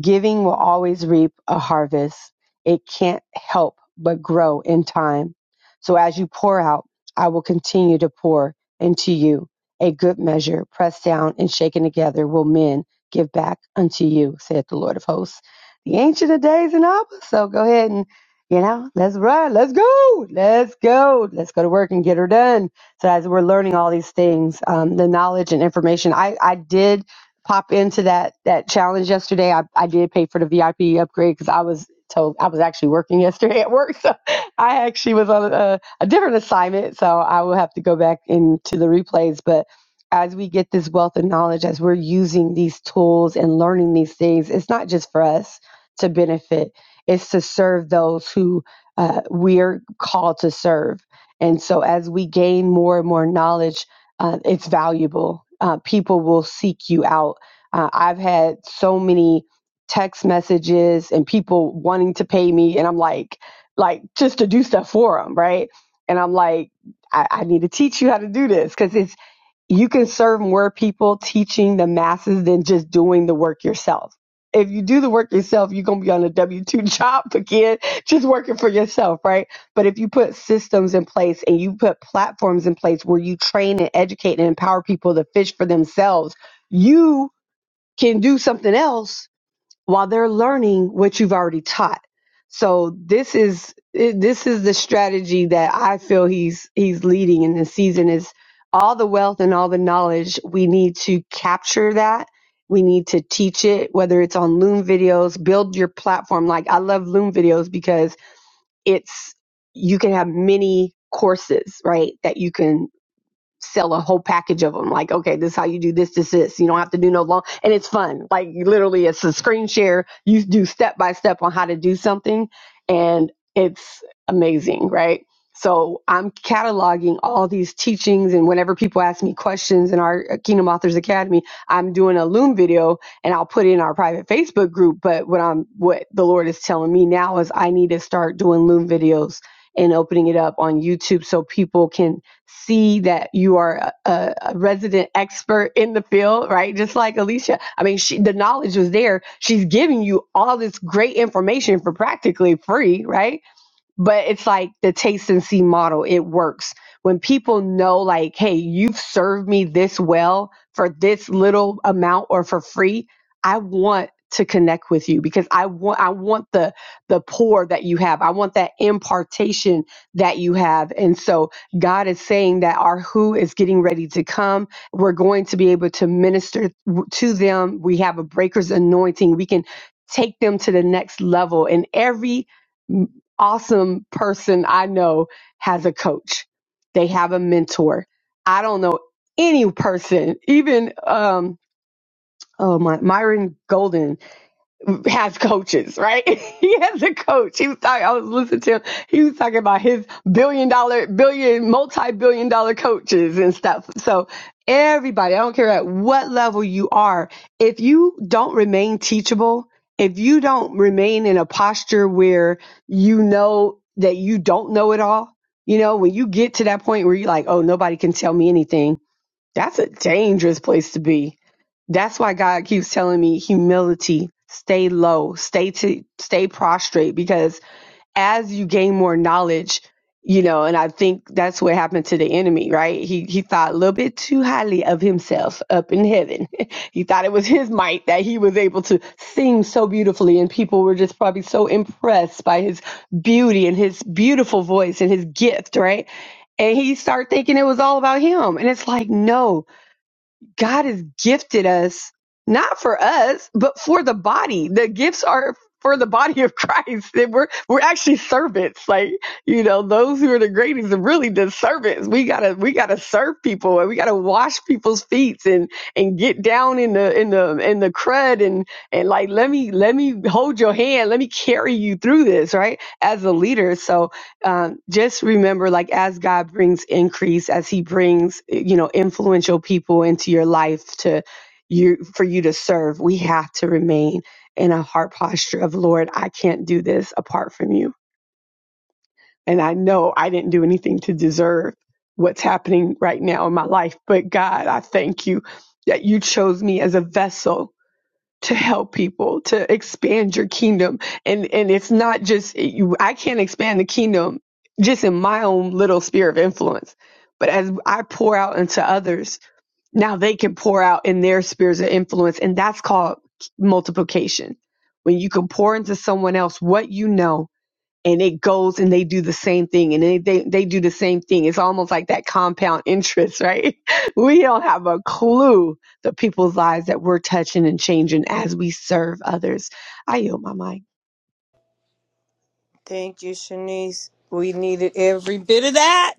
Speaker 5: Giving will always reap a harvest. It can't help but grow in time. So as you pour out, I will continue to pour into you. A good measure, pressed down and shaken together, will men give back unto you, saith the Lord of hosts. The ancient of days and Abba. So go ahead and, you know, let's run. Let's go. Let's go. Let's go to work and get her done. So as we're learning all these things, um, the knowledge and information, I, I did pop into that that challenge yesterday. I, I did pay for the VIP upgrade because I was told I was actually working yesterday at work, so I actually was on a, a different assignment. So I will have to go back into the replays. But as we get this wealth of knowledge, as we're using these tools and learning these things, it's not just for us to benefit; it's to serve those who uh, we're called to serve. And so, as we gain more and more knowledge uh, it's valuable. Uh, people will seek you out. Uh, I've had so many text messages and people wanting to pay me, and I'm like, like just to do stuff for them, right? And I'm like, I, I need to teach you how to do this because it's you can serve more people teaching the masses than just doing the work yourself. If you do the work yourself, you're going to be on a W 2 job again, just working for yourself, right? But if you put systems in place and you put platforms in place where you train and educate and empower people to fish for themselves, you can do something else while they're learning what you've already taught. So this is it- this is the strategy that I feel he's he's leading in this season is all the wealth and all the knowledge we need to capture that. We need to teach it whether it's on Loom videos, build your platform like I love Loom videos because it's you can have many courses, right? That you can sell a whole package of them. Like, okay, this is how you do this, this, this. You don't have to do no long, and it's fun. Like, literally, it's a screen share. You do step by step on how to do something, and it's amazing, right? So I'm cataloging all these teachings, and whenever people ask me questions in our uh, Kingdom Authors Academy, I'm doing a Loom video, and I'll put it in our private Facebook group. But what I'm, what the Lord is telling me now is I need to start doing Loom videos and opening it up on YouTube so people can see that you are a, a resident expert in the field, right? Just like Alicia. I mean, she, the knowledge was there. She's giving you all this great information for practically free, right? but it's like the taste and see model it works when people know like hey you've served me this well for this little amount or for free i want to connect with you because i want i want the the pour that you have i want that impartation that you have and so god is saying that our who is getting ready to come we're going to be able to minister to them we have a breaker's anointing we can take them to the next level in every awesome person I know has a coach. They have a mentor. I don't know any person, even um, oh my Myron Golden has coaches, right? he has a coach. He was talking, I was listening to him. He was talking about his billion dollar, billion, multi billion dollar coaches and stuff. So everybody, I don't care at what level you are, if you don't remain teachable, if you don't remain in a posture where you know that you don't know it all, you know, when you get to that point where you're like, oh, nobody can tell me anything, that's a dangerous place to be that's why God keeps telling me humility, stay low, stay to stay prostrate because as you gain more knowledge, you know, and I think that's what happened to the enemy, right? He he thought a little bit too highly of himself up in heaven. he thought it was his might that he was able to sing so beautifully and people were just probably so impressed by his beauty and his beautiful voice and his gift, right? And he started thinking it was all about him. And it's like, no, God has gifted us, not for us, but for the body. The gifts are for the body of Christ. That we're we're actually servants. Like, you know, those who are the greatest are really the servants. We gotta we gotta serve people and we gotta wash people's feet and and get down in the in the in the crud and and like let me let me hold your hand, let me carry you through this, right? As a leader. So um, just remember like as god brings increase as he brings you know influential people into your life to you for you to serve we have to remain in a heart posture of lord i can't do this apart from you and i know i didn't do anything to deserve what's happening right now in my life but god i thank you that you chose me as a vessel to help people to expand your kingdom and and it's not just you I can't expand the kingdom just in my own little sphere of influence but as I pour out into others now they can pour out in their spheres of influence and that's called multiplication when you can pour into someone else what you know and it goes and they do the same thing and they, they, they do the same thing. It's almost like that compound interest, right? We don't have a clue the people's lives that we're touching and changing as we serve others. I yield my mic.
Speaker 1: Thank you, Shanice. We needed every bit of that.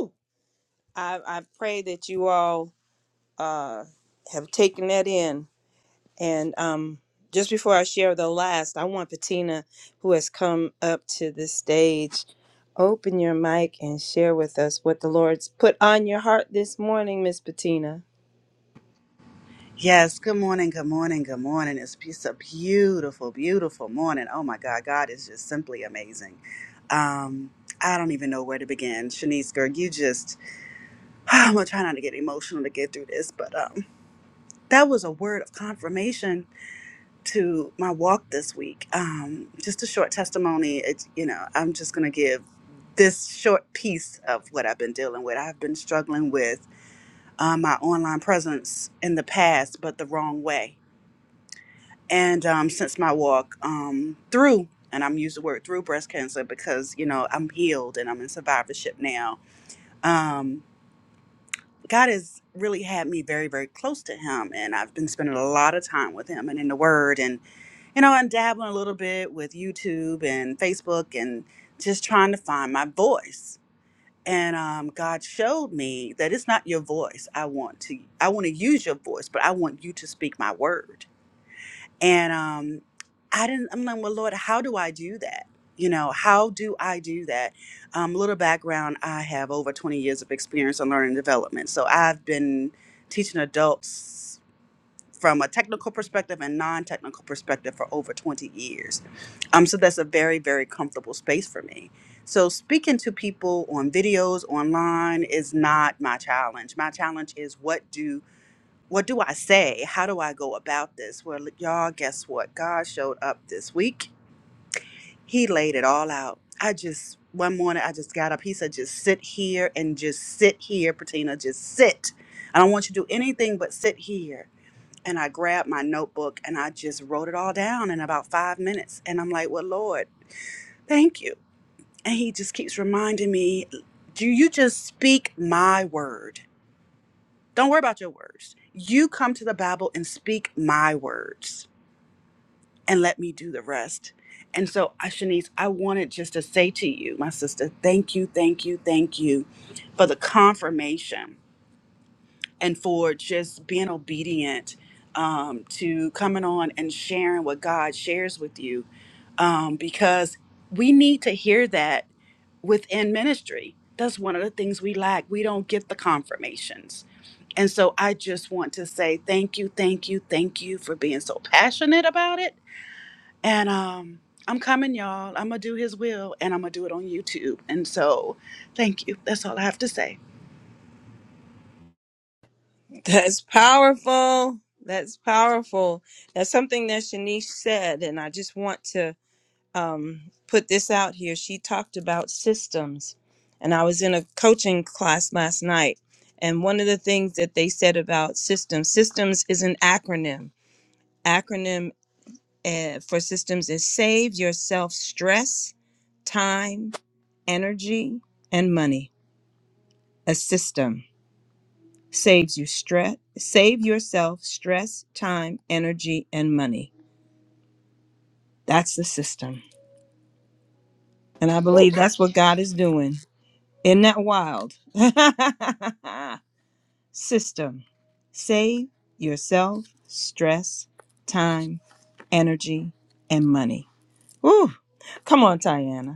Speaker 1: Woo! I, I pray that you all uh, have taken that in And um, just before I share the last, I want Patina, who has come up to the stage, open your mic and share with us what the Lord's put on your heart this morning, Miss Patina.
Speaker 6: Yes, good morning, good morning, good morning. It's it's a beautiful, beautiful morning. Oh my God, God is just simply amazing. Um, I don't even know where to begin. Shanice Gerg, you just, I'm gonna try not to get emotional to get through this, but um, that was a word of confirmation to my walk this week. Um, just a short testimony. It's, you know, I'm just gonna give this short piece of what I've been dealing with. I've been struggling with uh, my online presence in the past, but the wrong way and um, since my walk um, through and i'm using the word through breast cancer because you know i'm healed and i'm in survivorship now um, god has really had me very very close to him and i've been spending a lot of time with him and in the word and you know i'm dabbling a little bit with youtube and facebook and just trying to find my voice and um, god showed me that it's not your voice i want to i want to use your voice but i want you to speak my word and um, I didn't, I'm like, well, Lord, how do I do that? You know, how do I do that? Um, little background, I have over 20 years of experience in learning development. So I've been teaching adults from a technical perspective and non technical perspective for over 20 years. Um, so that's a very, very comfortable space for me. So speaking to people on videos, online is not my challenge. My challenge is what do what do I say? How do I go about this? Well, y'all, guess what? God showed up this week. He laid it all out. I just, one morning, I just got up. He said, just sit here and just sit here, Patina, just sit. I don't want you to do anything but sit here. And I grabbed my notebook and I just wrote it all down in about five minutes. And I'm like, well, Lord, thank you. And he just keeps reminding me, do you just speak my word? Don't worry about your words. You come to the Bible and speak my words and let me do the rest. And so, uh, Shanice, I wanted just to say to you, my sister, thank you, thank you, thank you for the confirmation and for just being obedient um, to coming on and sharing what God shares with you um, because we need to hear that within ministry. That's one of the things we lack. We don't get the confirmations. And so I just want to say thank you, thank you, thank you for being so passionate about it and um, I'm coming, y'all. I'm going to do his will and I'm going to do it on YouTube. And so, thank you. That's all I have to say.
Speaker 1: That's powerful. That's powerful. That's something that Shanice said, and I just want to um, put this out here. She talked about systems, and I was in a coaching class last night, and one of the things that they said about systems, systems is an acronym acronym uh, for systems is Save Yourself Stress, Time, Energy, and Money. A system saves you stress, save yourself stress, time, energy, and money. That's the system. And I believe that's what God is doing. Isn't that wild? system. Save yourself stress, time, energy, and money. Woo! Come on, Tiana.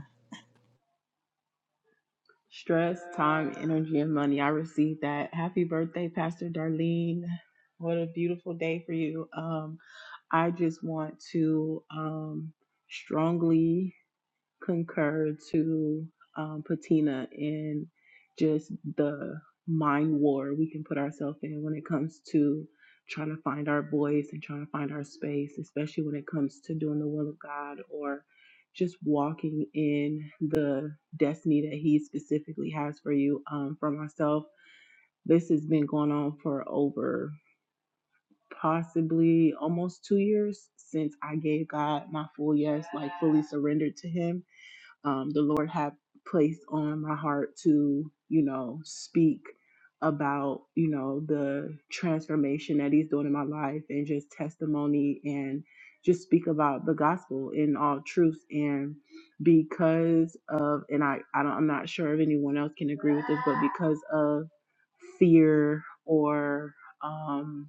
Speaker 7: Stress, time, energy, and money. I received that. Happy birthday, Pastor Darlene. What a beautiful day for you. Um, I just want to um, strongly concur to um, Patina in just the mind war we can put ourselves in when it comes to trying to find our voice and trying to find our space, especially when it comes to doing the will of God or just walking in the destiny that He specifically has for you. Um, for myself, this has been going on for over possibly almost two years since I gave God my full yes, like fully surrendered to Him um, the Lord had placed on my heart to, you know, speak about, you know, the transformation that He's doing in my life and just testimony and just speak about the gospel in all truth. And because of, and I, I don't, I'm not sure if anyone else can agree with this, but because of fear or, um,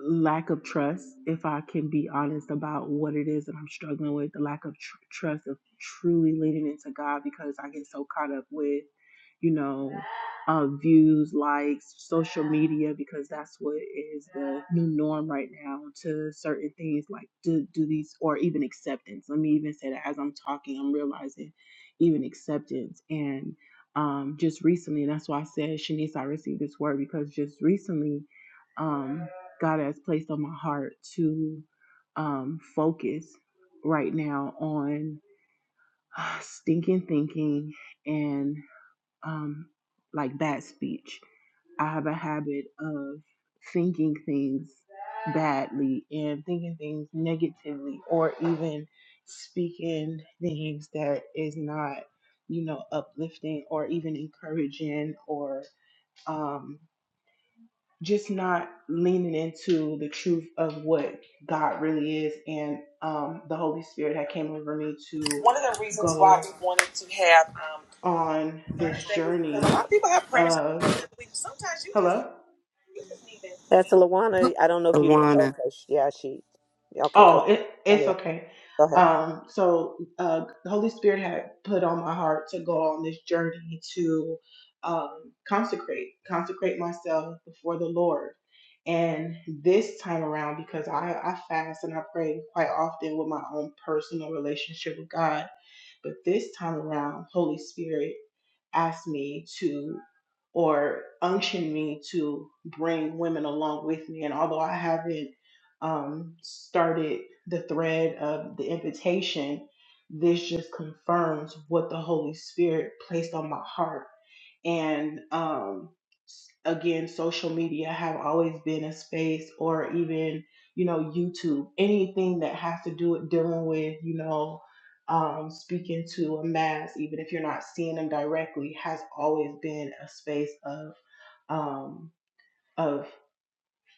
Speaker 7: lack of trust if i can be honest about what it is that i'm struggling with the lack of tr- trust of truly leaning into god because i get so caught up with you know uh, views likes social media because that's what is the new norm right now to certain things like do, do these or even acceptance let me even say that as i'm talking i'm realizing even acceptance and um, just recently and that's why i said shanice i received this word because just recently um, God has placed on my heart to um, focus right now on uh, stinking thinking and um, like bad speech. I have a habit of thinking things badly and thinking things negatively or even speaking things that is not you know uplifting or even encouraging or um, just not leaning into the truth of what God really is, and um, the Holy Spirit had came over me to
Speaker 4: One of the reasons why
Speaker 7: go
Speaker 4: we wanted to have um,
Speaker 7: on this
Speaker 4: Thursday was because a
Speaker 7: journey
Speaker 4: lot of people have prayers.
Speaker 7: of
Speaker 4: Sometimes you just
Speaker 7: hello.
Speaker 4: you just need that.
Speaker 3: Pastor
Speaker 4: push.
Speaker 3: Lawana, I don't know if you know.
Speaker 2: Awana.
Speaker 3: Okay, sh- yeah, she. Okay, go.
Speaker 7: Oh, it,
Speaker 3: Go
Speaker 7: it's
Speaker 3: ahead.
Speaker 7: okay.
Speaker 3: Go ahead.
Speaker 7: Um, so uh, the Holy Spirit had put on my heart to go on this journey to um, consecrate, consecrate myself before the Lord. And this time around, because I, I fast and I pray quite often with my own personal relationship with God, but this time around, Holy Spirit asked me to or unctioned me to bring women along with me. And although I haven't um, started the thread of the invitation, this just confirms what the Holy Spirit placed on my heart. And um, s- again, social media have always been a space, or even you know YouTube, anything that has to do with dealing with you know um, speaking to a mass, even if you're not seeing them directly, has always been a space of um, of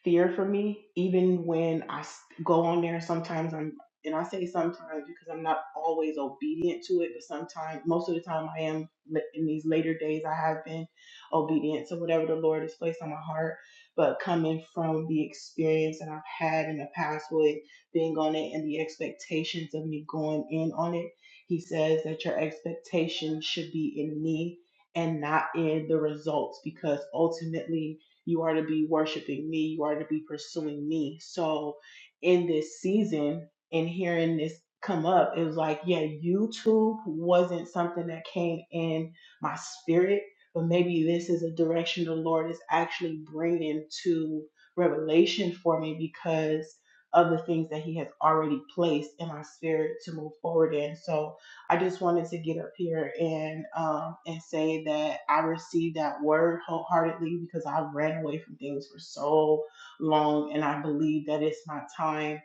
Speaker 7: fear for me, even when I go on there. Sometimes I'm, and I say sometimes because I'm not always obedient to it, but sometimes, most of the time, I am in these later days. I have been obedient to whatever the Lord has placed on my heart. But coming from the experience that I've had in the past with being on it and the expectations of me going in on it, He says that your expectations should be in me and not in the results because ultimately you are to be worshiping me. You are to be pursuing me. So in this season and hearing this come up, it was like, yeah, YouTube wasn't something that came in my spirit, but maybe this is a direction the Lord is actually bringing to revelation for me because of the things that he has already placed in my spirit to move forward in. So I just wanted to get up here and um, and say that I received that word wholeheartedly because I ran away from things for so long, and I believe that it's my time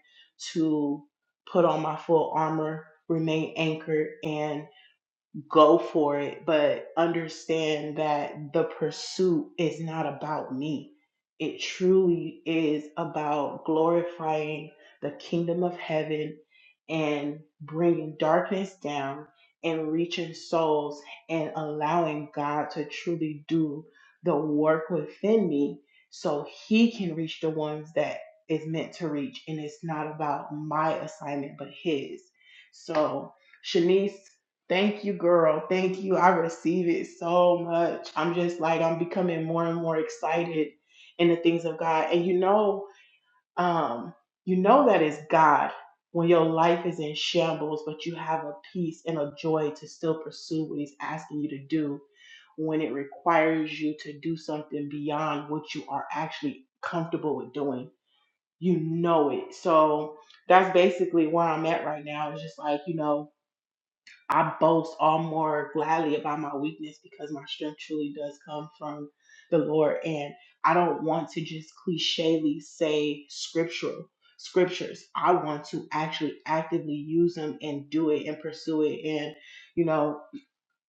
Speaker 7: to put on my full armor, remain anchored, and go for it, but understand that the pursuit is not about me. It truly is about glorifying the kingdom of heaven and bringing darkness down and reaching souls and allowing God to truly do the work within me so he can reach the ones that is meant to reach and it's not about my assignment but his. So, Shanice Thank you, girl. Thank you. I receive it so much. I'm just like, I'm becoming more and more excited in the things of God. And you know, um, you know that it's God when your life is in shambles, but you have a peace and a joy to still pursue what He's asking you to do when it requires you to do something beyond what you are actually comfortable with doing. You know it. So that's basically where I'm at right now. It's just like, you know, I boast all more gladly about my weakness because my strength truly does come from the Lord. And I don't want to just clichely say scriptural scriptures. I want to actually actively use them and do it and pursue it. And, you know,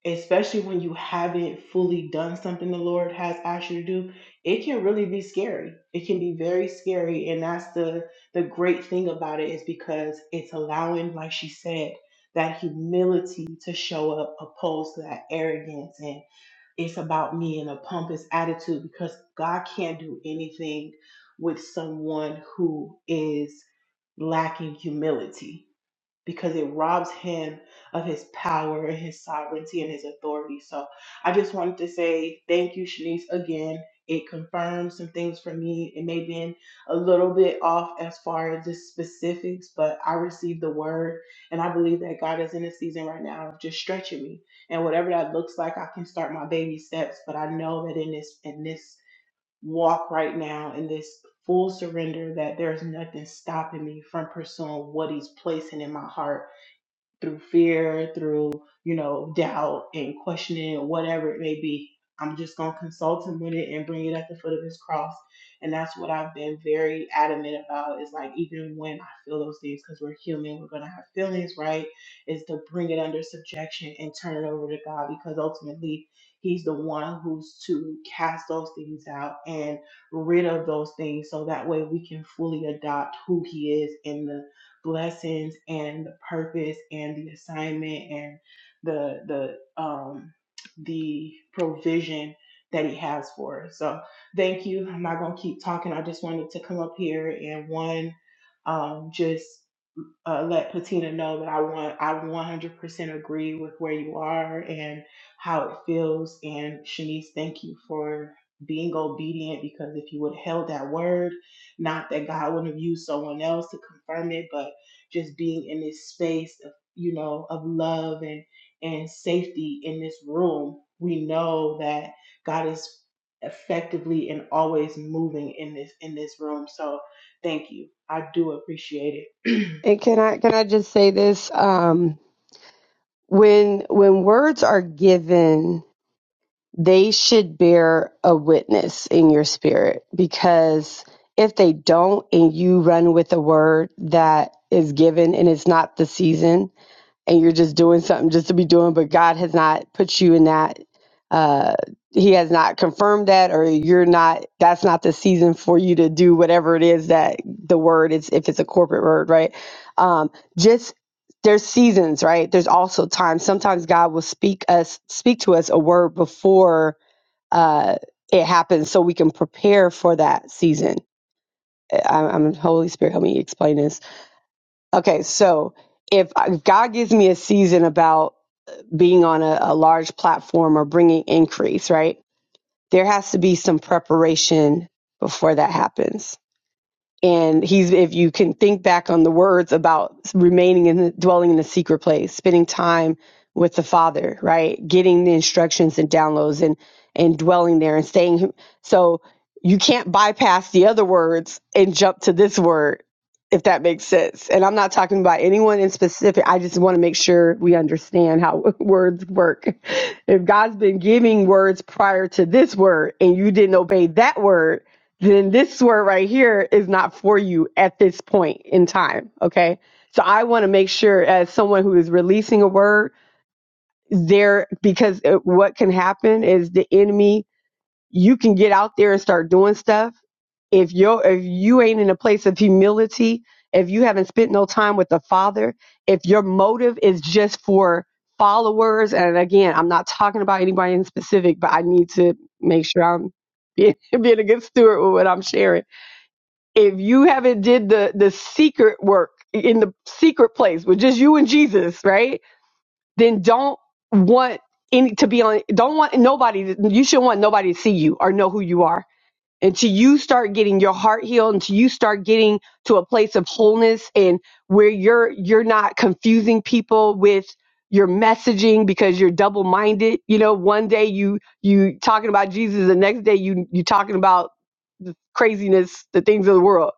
Speaker 7: especially when you haven't fully done something the Lord has asked you to do, it can really be scary. It can be very scary. And that's the the great thing about it is because it's allowing, like she said, that humility to show up opposed to that arrogance and it's about me and a pompous attitude because God can't do anything with someone who is lacking humility because it robs him of his power and his sovereignty and his authority. So I just wanted to say thank you, Shanice, again. It confirmed some things for me. It may have been a little bit off as far as the specifics, but I received the word and I believe that God is in a season right now of just stretching me. And whatever that looks like, I can start my baby steps. But I know that in this in this walk right now, in this full surrender, that there's nothing stopping me from pursuing what He's placing in my heart through fear, through, you know, doubt and questioning, whatever it may be. I'm just going to consult him with it and bring it at the foot of his cross. And that's what I've been very adamant about is like, even when I feel those things, because we're human, we're going to have feelings, right? Is to bring it under subjection and turn it over to God because ultimately he's the one who's to cast those things out and rid of those things so that way we can fully adopt who he is in the blessings and the purpose and the assignment and the the um the provision that he has for us. So thank you. I'm not gonna keep talking. I just wanted to come up here and one um just uh, let Patina know that I want I 100% agree with where you are and how it feels. And Shanice, thank you for being obedient because if you would have held that word, not that God wouldn't have used someone else to confirm it, but just being in this space of you know of love and and safety in this room, we know that God is effectively and always moving in this in this room. So thank you. I do appreciate it.
Speaker 5: And can I can I just say this? Um, when when words are given, they should bear a witness in your spirit because if they don't, and you run with a word that is given and it's not the season, and you're just doing something just to be doing, but God has not put you in that. Uh, he has not confirmed that, or you're not. That's not the season for you to do whatever it is that the word is. If it's a corporate word, right? Um, just there's seasons, right? There's also times. Sometimes God will speak us, speak to us a word before uh, it happens, so we can prepare for that season. I, I'm Holy Spirit, help me explain this. Okay, so if I- if God gives me a season about being on a, a large platform or bringing increase, right? There has to be some preparation before that happens and he's if you can think back on the words about remaining in the, dwelling in the secret place spending time with the father right getting the instructions and downloads and and dwelling there and staying so you can't bypass the other words and jump to this word if that makes sense and i'm not talking about anyone in specific i just want to make sure we understand how words work if god's been giving words prior to this word and you didn't obey that word then this swear right here is not for you at this point in time. Okay. So I want to make sure, as someone who is releasing a word, there, because uh, what can happen is the enemy, you can get out there and start doing stuff. If you're, if you ain't in a place of humility, if you haven't spent no time with the Father, if your motive is just for followers, and again, I'm not talking about anybody in specific, but I need to make sure I'm being, being a good steward with what I'm sharing if you haven't did the the secret work in the secret place with just you and Jesus, right? Then don't want any to be on. Don't want nobody. to- You shouldn't want nobody to see you or know who you are until you start getting your heart healed. Until you start getting to a place of wholeness and where you're you're not confusing people with your messaging because you're double minded. You know, one day you you talking about Jesus, the next day you you talking about craziness, the things of the world.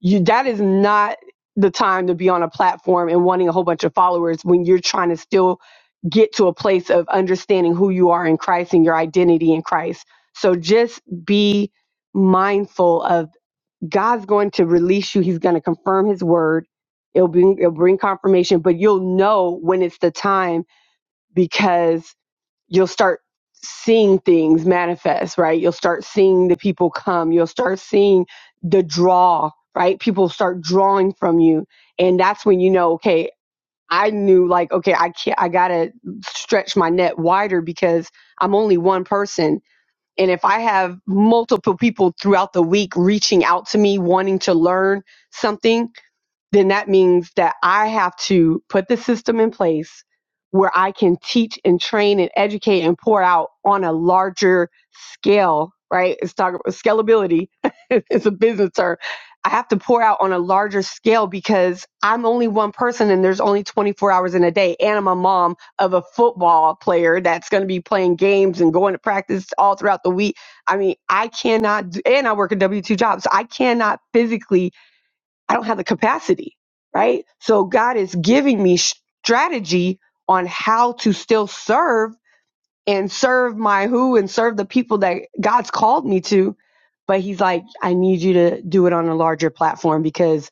Speaker 5: You that is not the time to be on a platform and wanting a whole bunch of followers when you're trying to still get to a place of understanding who you are in Christ and your identity in Christ. So just be mindful of God's going to release you. He's going to confirm his word. It'll bring, it'll bring confirmation, but you'll know when it's the time because you'll start seeing things manifest, right? You'll start seeing the people come. You'll start seeing the draw, right? People start drawing from you. And that's when you know, okay, I knew like, okay, I can't, I gotta stretch my net wider because I'm only one person. And if I have multiple people throughout the week reaching out to me, wanting to learn something, then that means that I have to put the system in place where I can teach and train and educate and pour out on a larger scale, right? It's talking about scalability. it's a business term. I have to pour out on a larger scale because I'm only one person and there's only 24 hours in a day. And I'm a mom of a football player that's going to be playing games and going to practice all throughout the week. I mean, I cannot, do, and I work a W 2 job. So I cannot physically I don't have the capacity, right? So God is giving me strategy on how to still serve and serve my who and serve the people that God's called me to. But he's like, I need you to do it on a larger platform because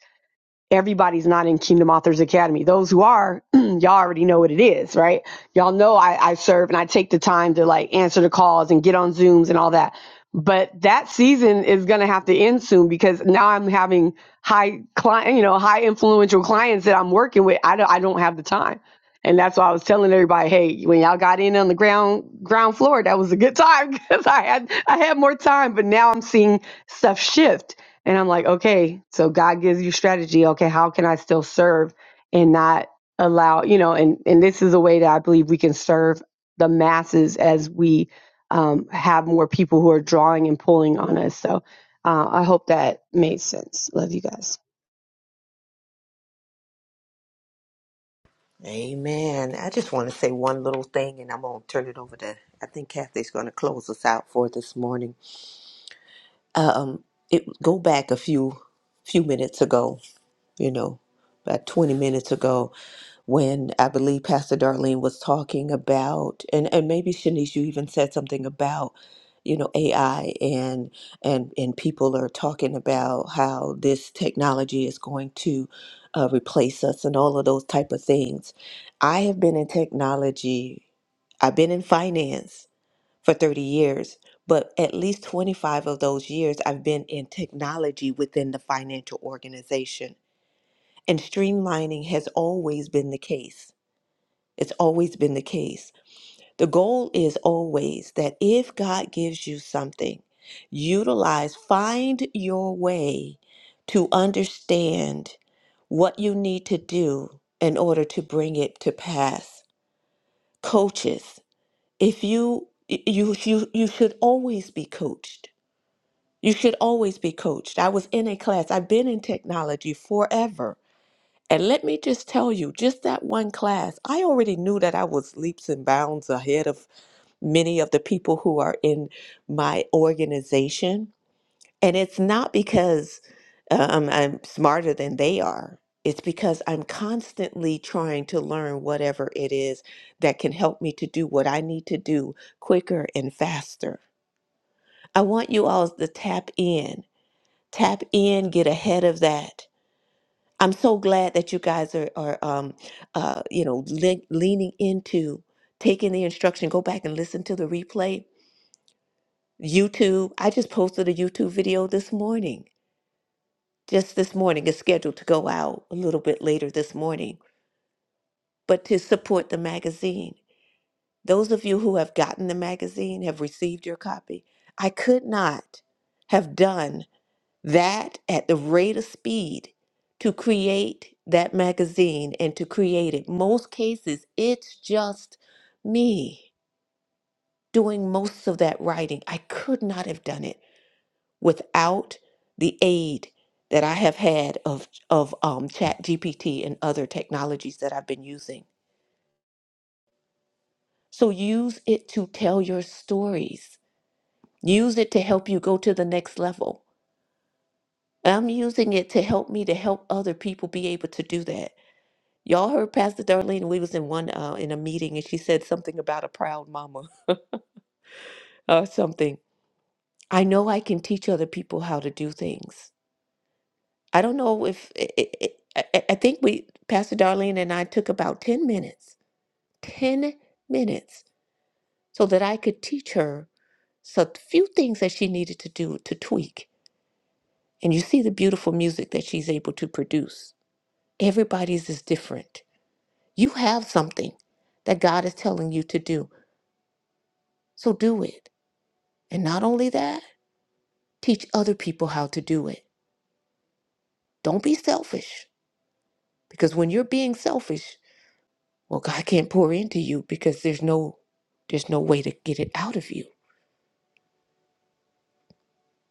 Speaker 5: everybody's not in Kingdom Authors Academy. Those who are, y'all already know what it is, right? Y'all know I, I serve and I take the time to like answer the calls and get on Zooms and all that. But that season is going to have to end soon because now I'm having high client, you know, high influential clients that I'm working with. I don't, I don't have the time. And that's why I was telling everybody, hey, when y'all got in on the ground ground floor, that was a good time because I had I had more time. But now I'm seeing stuff shift and I'm like, okay, so God gives you strategy. Okay, how can I still serve and not allow, you know, and, and this is a way that I believe we can serve the masses as we um, have more people who are drawing and pulling on us. So uh, I hope that made sense. Love you guys.
Speaker 3: Amen. I just want to say one little thing and I'm going to turn it over to, I think Kathy's going to close us out for this morning. Uh, Um, it Go back a few few minutes ago you know, about 20 minutes ago when I believe Pastor Darlene was talking about, and, and maybe Shanice, you even said something about, you know, AI and and and people are talking about how this technology is going to uh, replace us and all of those type of things. I have been in technology. I've been in finance for 30 years, but at least 25 of those years I've been in technology within the financial organization. And streamlining has always been the case. It's always been the case. The goal is always that if God gives you something, utilize, find your way to understand what you need to do in order to bring it to pass. Coaches, if you you you you should always be coached. You should always be coached. I was in a class. I've been in technology forever And let me just tell you, just that one class, I already knew that I was leaps and bounds ahead of many of the people who are in my organization. And it's not because um, I'm smarter than they are, it's because I'm constantly trying to learn whatever it is that can help me to do what I need to do quicker and faster. I want you all to tap in, tap in, get ahead of that I'm so glad that you guys are are um uh you know le- leaning into taking the instruction. Go back and listen to the replay. YouTube. I just posted a YouTube video this morning. Just this morning. It's scheduled to go out a little bit later this morning. But to support the magazine. Those of you who have gotten the magazine have received your copy. I could not have done that at the rate of speed to create that magazine and to create it. Most cases, it's just me doing most of that writing. I could not have done it without the aid that I have had of, of um, ChatGPT and other technologies that I've been using. So use it to tell your stories. Use it to help you go to the next level. I'm using it to help me to help other people be able to do that. Y'all heard Pastor Darlene. We was in one uh, in a meeting, and she said something about a proud mama or something. I know I can teach other people how to do things. I don't know if i i I, I I think we Pastor Darlene and I took about ten minutes, ten minutes, so that I could teach her so few things that she needed to do to tweak. And you see the beautiful music that she's able to produce. Everybody's is different. You have something that God is telling you to do, so do it. And not only that, teach other people how to do it. Don't be selfish because when you're being selfish, well God can't pour into you because there's no there's no way to get it out of you.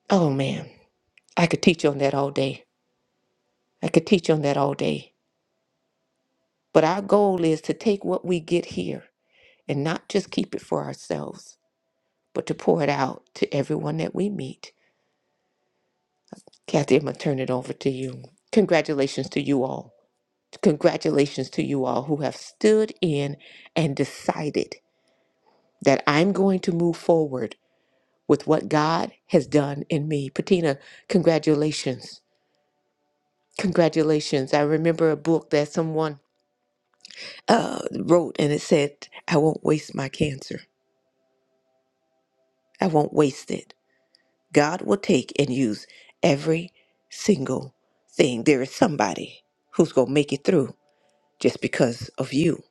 Speaker 3: Oh man, I could teach on that all day. I could teach on that all day. But our goal is to take what we get here and not just keep it for ourselves, but to pour it out to everyone that we meet. Kathy, I'm gonna turn it over to you. Congratulations to you all. Congratulations to you all who have stood in and decided that I'm going to move forward with what God has done in me. Patina, congratulations. Congratulations. I remember a book that someone uh, wrote and it said, I won't waste my cancer. I won't waste it. God will take and use every single thing. There is somebody who's going to make it through just because of you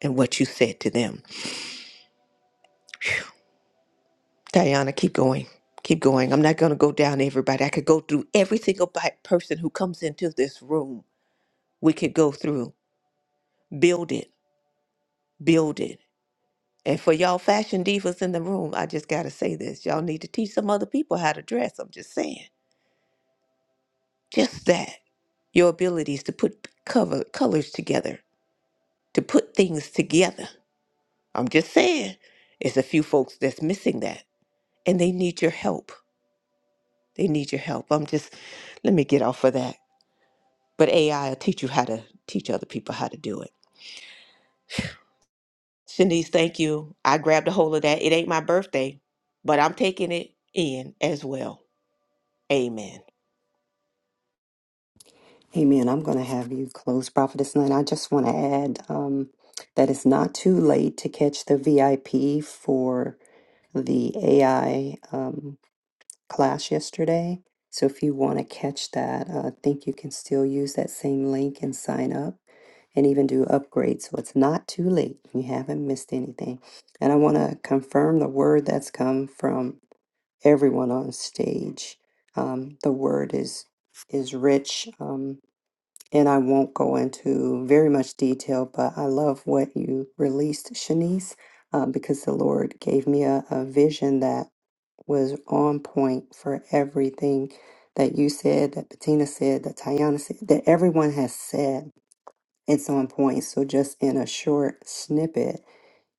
Speaker 3: and what you said to them. Diana, keep going. Keep going. I'm not going to go down everybody. I could go through every single bi- person who comes into this room. We could go through, build it, build it. And for y'all fashion divas in the room, I just got to say this. Y'all need to teach some other people how to dress. I'm just saying. Just that. Your abilities to put cover, colors together, to put things together. I'm just saying. It's a few folks that's missing that. And they need your help. They need your help. I'm just, let me get off of that. But AI will teach you how to teach other people how to do it. Shanice, thank you. I grabbed a hold of that. It ain't my birthday, but I'm taking it in as well. Amen.
Speaker 2: Amen. I'm going to have you close Prophetess Line. I just want to add um, that it's not too late to catch the VIP for the AI um, class yesterday. So if you want to catch that, uh, I think you can still use that same link and sign up. and even do upgrades. So it's not too late. You haven't missed anything. And I want to confirm the word that's come from everyone on stage. Um, the word is is rich, um, and I won't go into very much detail. But I love what you released, Shanice, um, because the Lord gave me a, a vision that was on point for everything that you said, that Bettina said, that Tayana said, that everyone has said it's on point. So, just in a short snippet,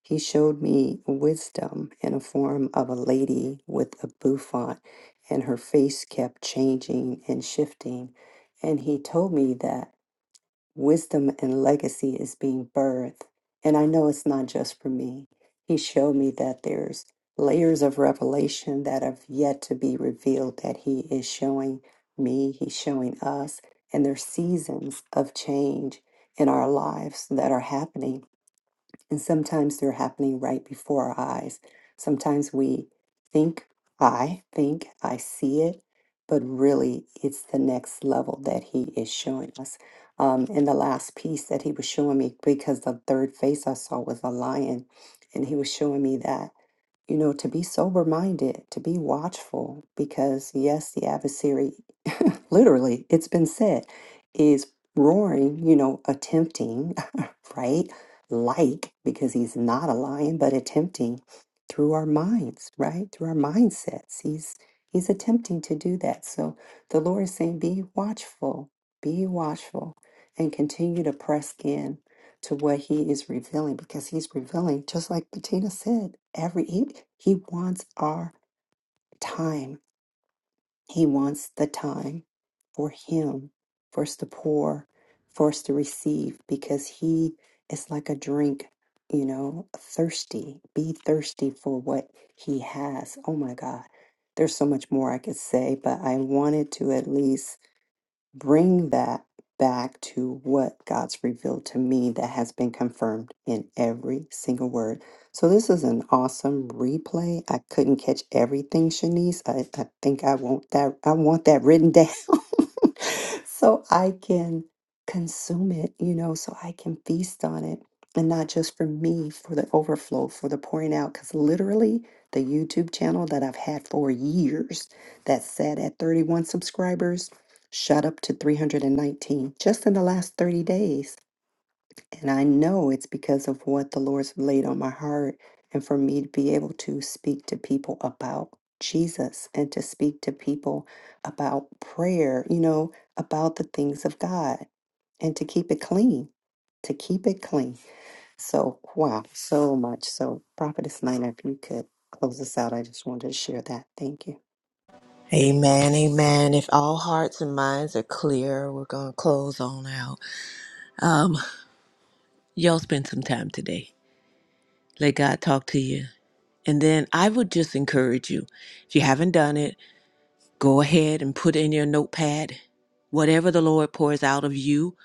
Speaker 2: he showed me wisdom in a form of a lady with a bouffant, and her face kept changing and shifting. And he told me that wisdom and legacy is being birthed. And I know it's not just for me. He showed me that there's layers of revelation that have yet to be revealed that he is showing me, he's showing us, and there's seasons of change in our lives that are happening and sometimes they're happening right before our eyes. Sometimes we think, I think, I see it, but really it's the next level that he is showing us. Um, and the last piece that he was showing me, because the third face I saw was a lion, and he was showing me that you know, to be sober minded, to be watchful, because yes, the adversary, literally, it's been said, is roaring, you know, attempting, right? Like, because he's not a lion, but attempting through our minds, right? Through our mindsets. He's he's attempting to do that. So the Lord is saying, be watchful, be watchful, and continue to press in to what he is revealing because he's revealing just like Bettina said every he, he wants our time he wants the time for him for us to pour for us to receive because he is like a drink you know thirsty be thirsty for what he has oh my god there's so much more I could say but I wanted to at least bring that back to what God's revealed to me that has been confirmed in every single word. So this is an awesome replay. I couldn't catch everything, Shanice. I, I think I want that I want that written down so I can consume it, you know, so I can feast on it. And not just for me, for the overflow, for the pouring out, because literally the YouTube channel that I've had for years that sat at 31 subscribers shot up to 319 just in the last 30 days. And I know it's because of what the Lord's laid on my heart and for me to be able to speak to people about Jesus and to speak to people about prayer, you know, about the things of God and to keep it clean, to keep it clean. So, wow, so much. So, Prophetess Nina, if you could close us out, I just wanted to share that. Thank you.
Speaker 3: Amen, amen. If all hearts and minds are clear, we're going to close on out. Um, y'all spend some time today. Let God talk to you. And then I would just encourage you, if you haven't done it, go ahead and put in your notepad whatever the Lord pours out of you.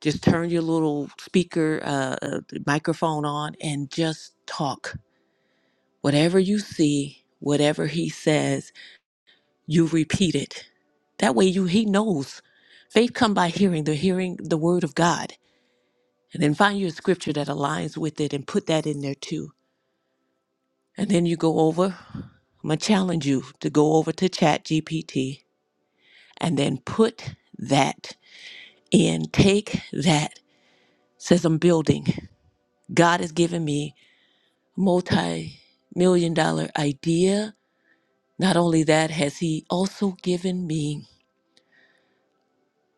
Speaker 3: Just turn your little speaker uh, uh, microphone on and just talk. Whatever you see, whatever He says, you repeat it. That way, you He knows. Faith come by hearing, the hearing the Word of God, and then find your scripture that aligns with it and put that in there too And then you go over, I'm going to challenge you to go over to ChatGPT and then put that in. Take that, says I'm building. God has given me multi million dollar idea. Not only that, has He also given me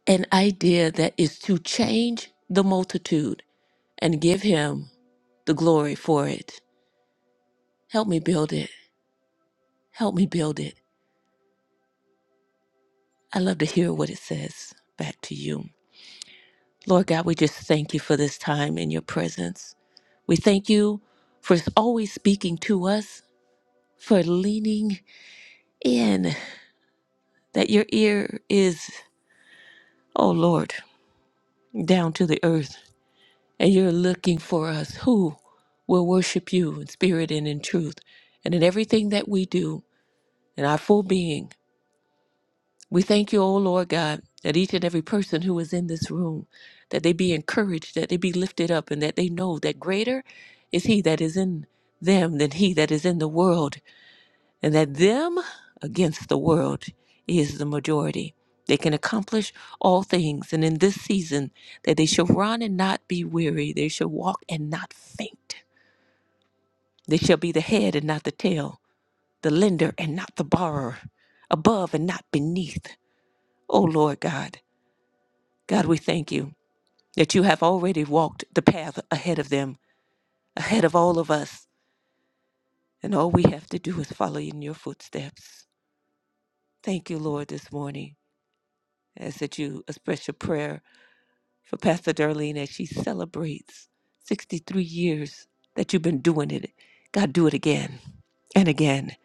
Speaker 3: an idea that is to change the multitude and give Him the glory for it. Help me build it. Help me build it. I love to hear what it says. Back to you. Lord God, we just thank you for this time in your presence. We thank you for always speaking to us, for leaning in, that your ear is, oh Lord, down to the earth, and you're looking for us who will worship you in spirit and in truth, and in everything that we do, in our full being. We thank you, O Lord God, that each and every person who is in this room, that they be encouraged, that they be lifted up, and that they know that greater is he that is in them than he that is in the world, and that them against the world is the majority. They can accomplish all things, and in this season that they shall run and not be weary, they shall walk and not faint. They shall be the head and not the tail, the lender and not the borrower, above and not beneath. O Lord God, God, we thank you that you have already walked the path ahead of them, ahead of all of us, and all we have to do is follow in your footsteps. Thank you, Lord, this morning. I ask that you express your prayer for Pastor Darlene as she celebrates 63 years that you've been doing it. God, do it again and again.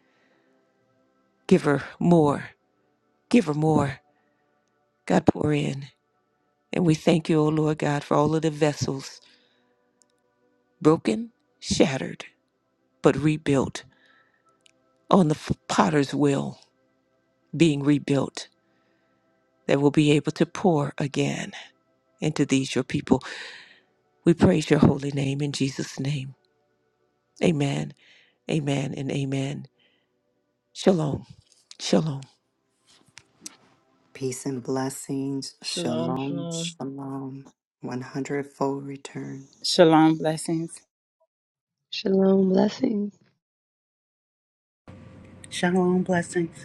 Speaker 3: Give her more. Give her more. God, pour in. And we thank you, O Lord God, for all of the vessels broken, shattered, but rebuilt on the f- potter's wheel being rebuilt that we'll be able to pour again into these your people. We praise your holy name in Jesus' name. Amen, amen, and amen. Shalom, shalom.
Speaker 2: Peace and blessings.
Speaker 7: Shalom,
Speaker 2: Shalom.
Speaker 7: shalom.
Speaker 2: Shalom. One hundredfold return.
Speaker 4: Shalom blessings.
Speaker 5: Shalom. Blessings.
Speaker 6: Shalom. Blessings.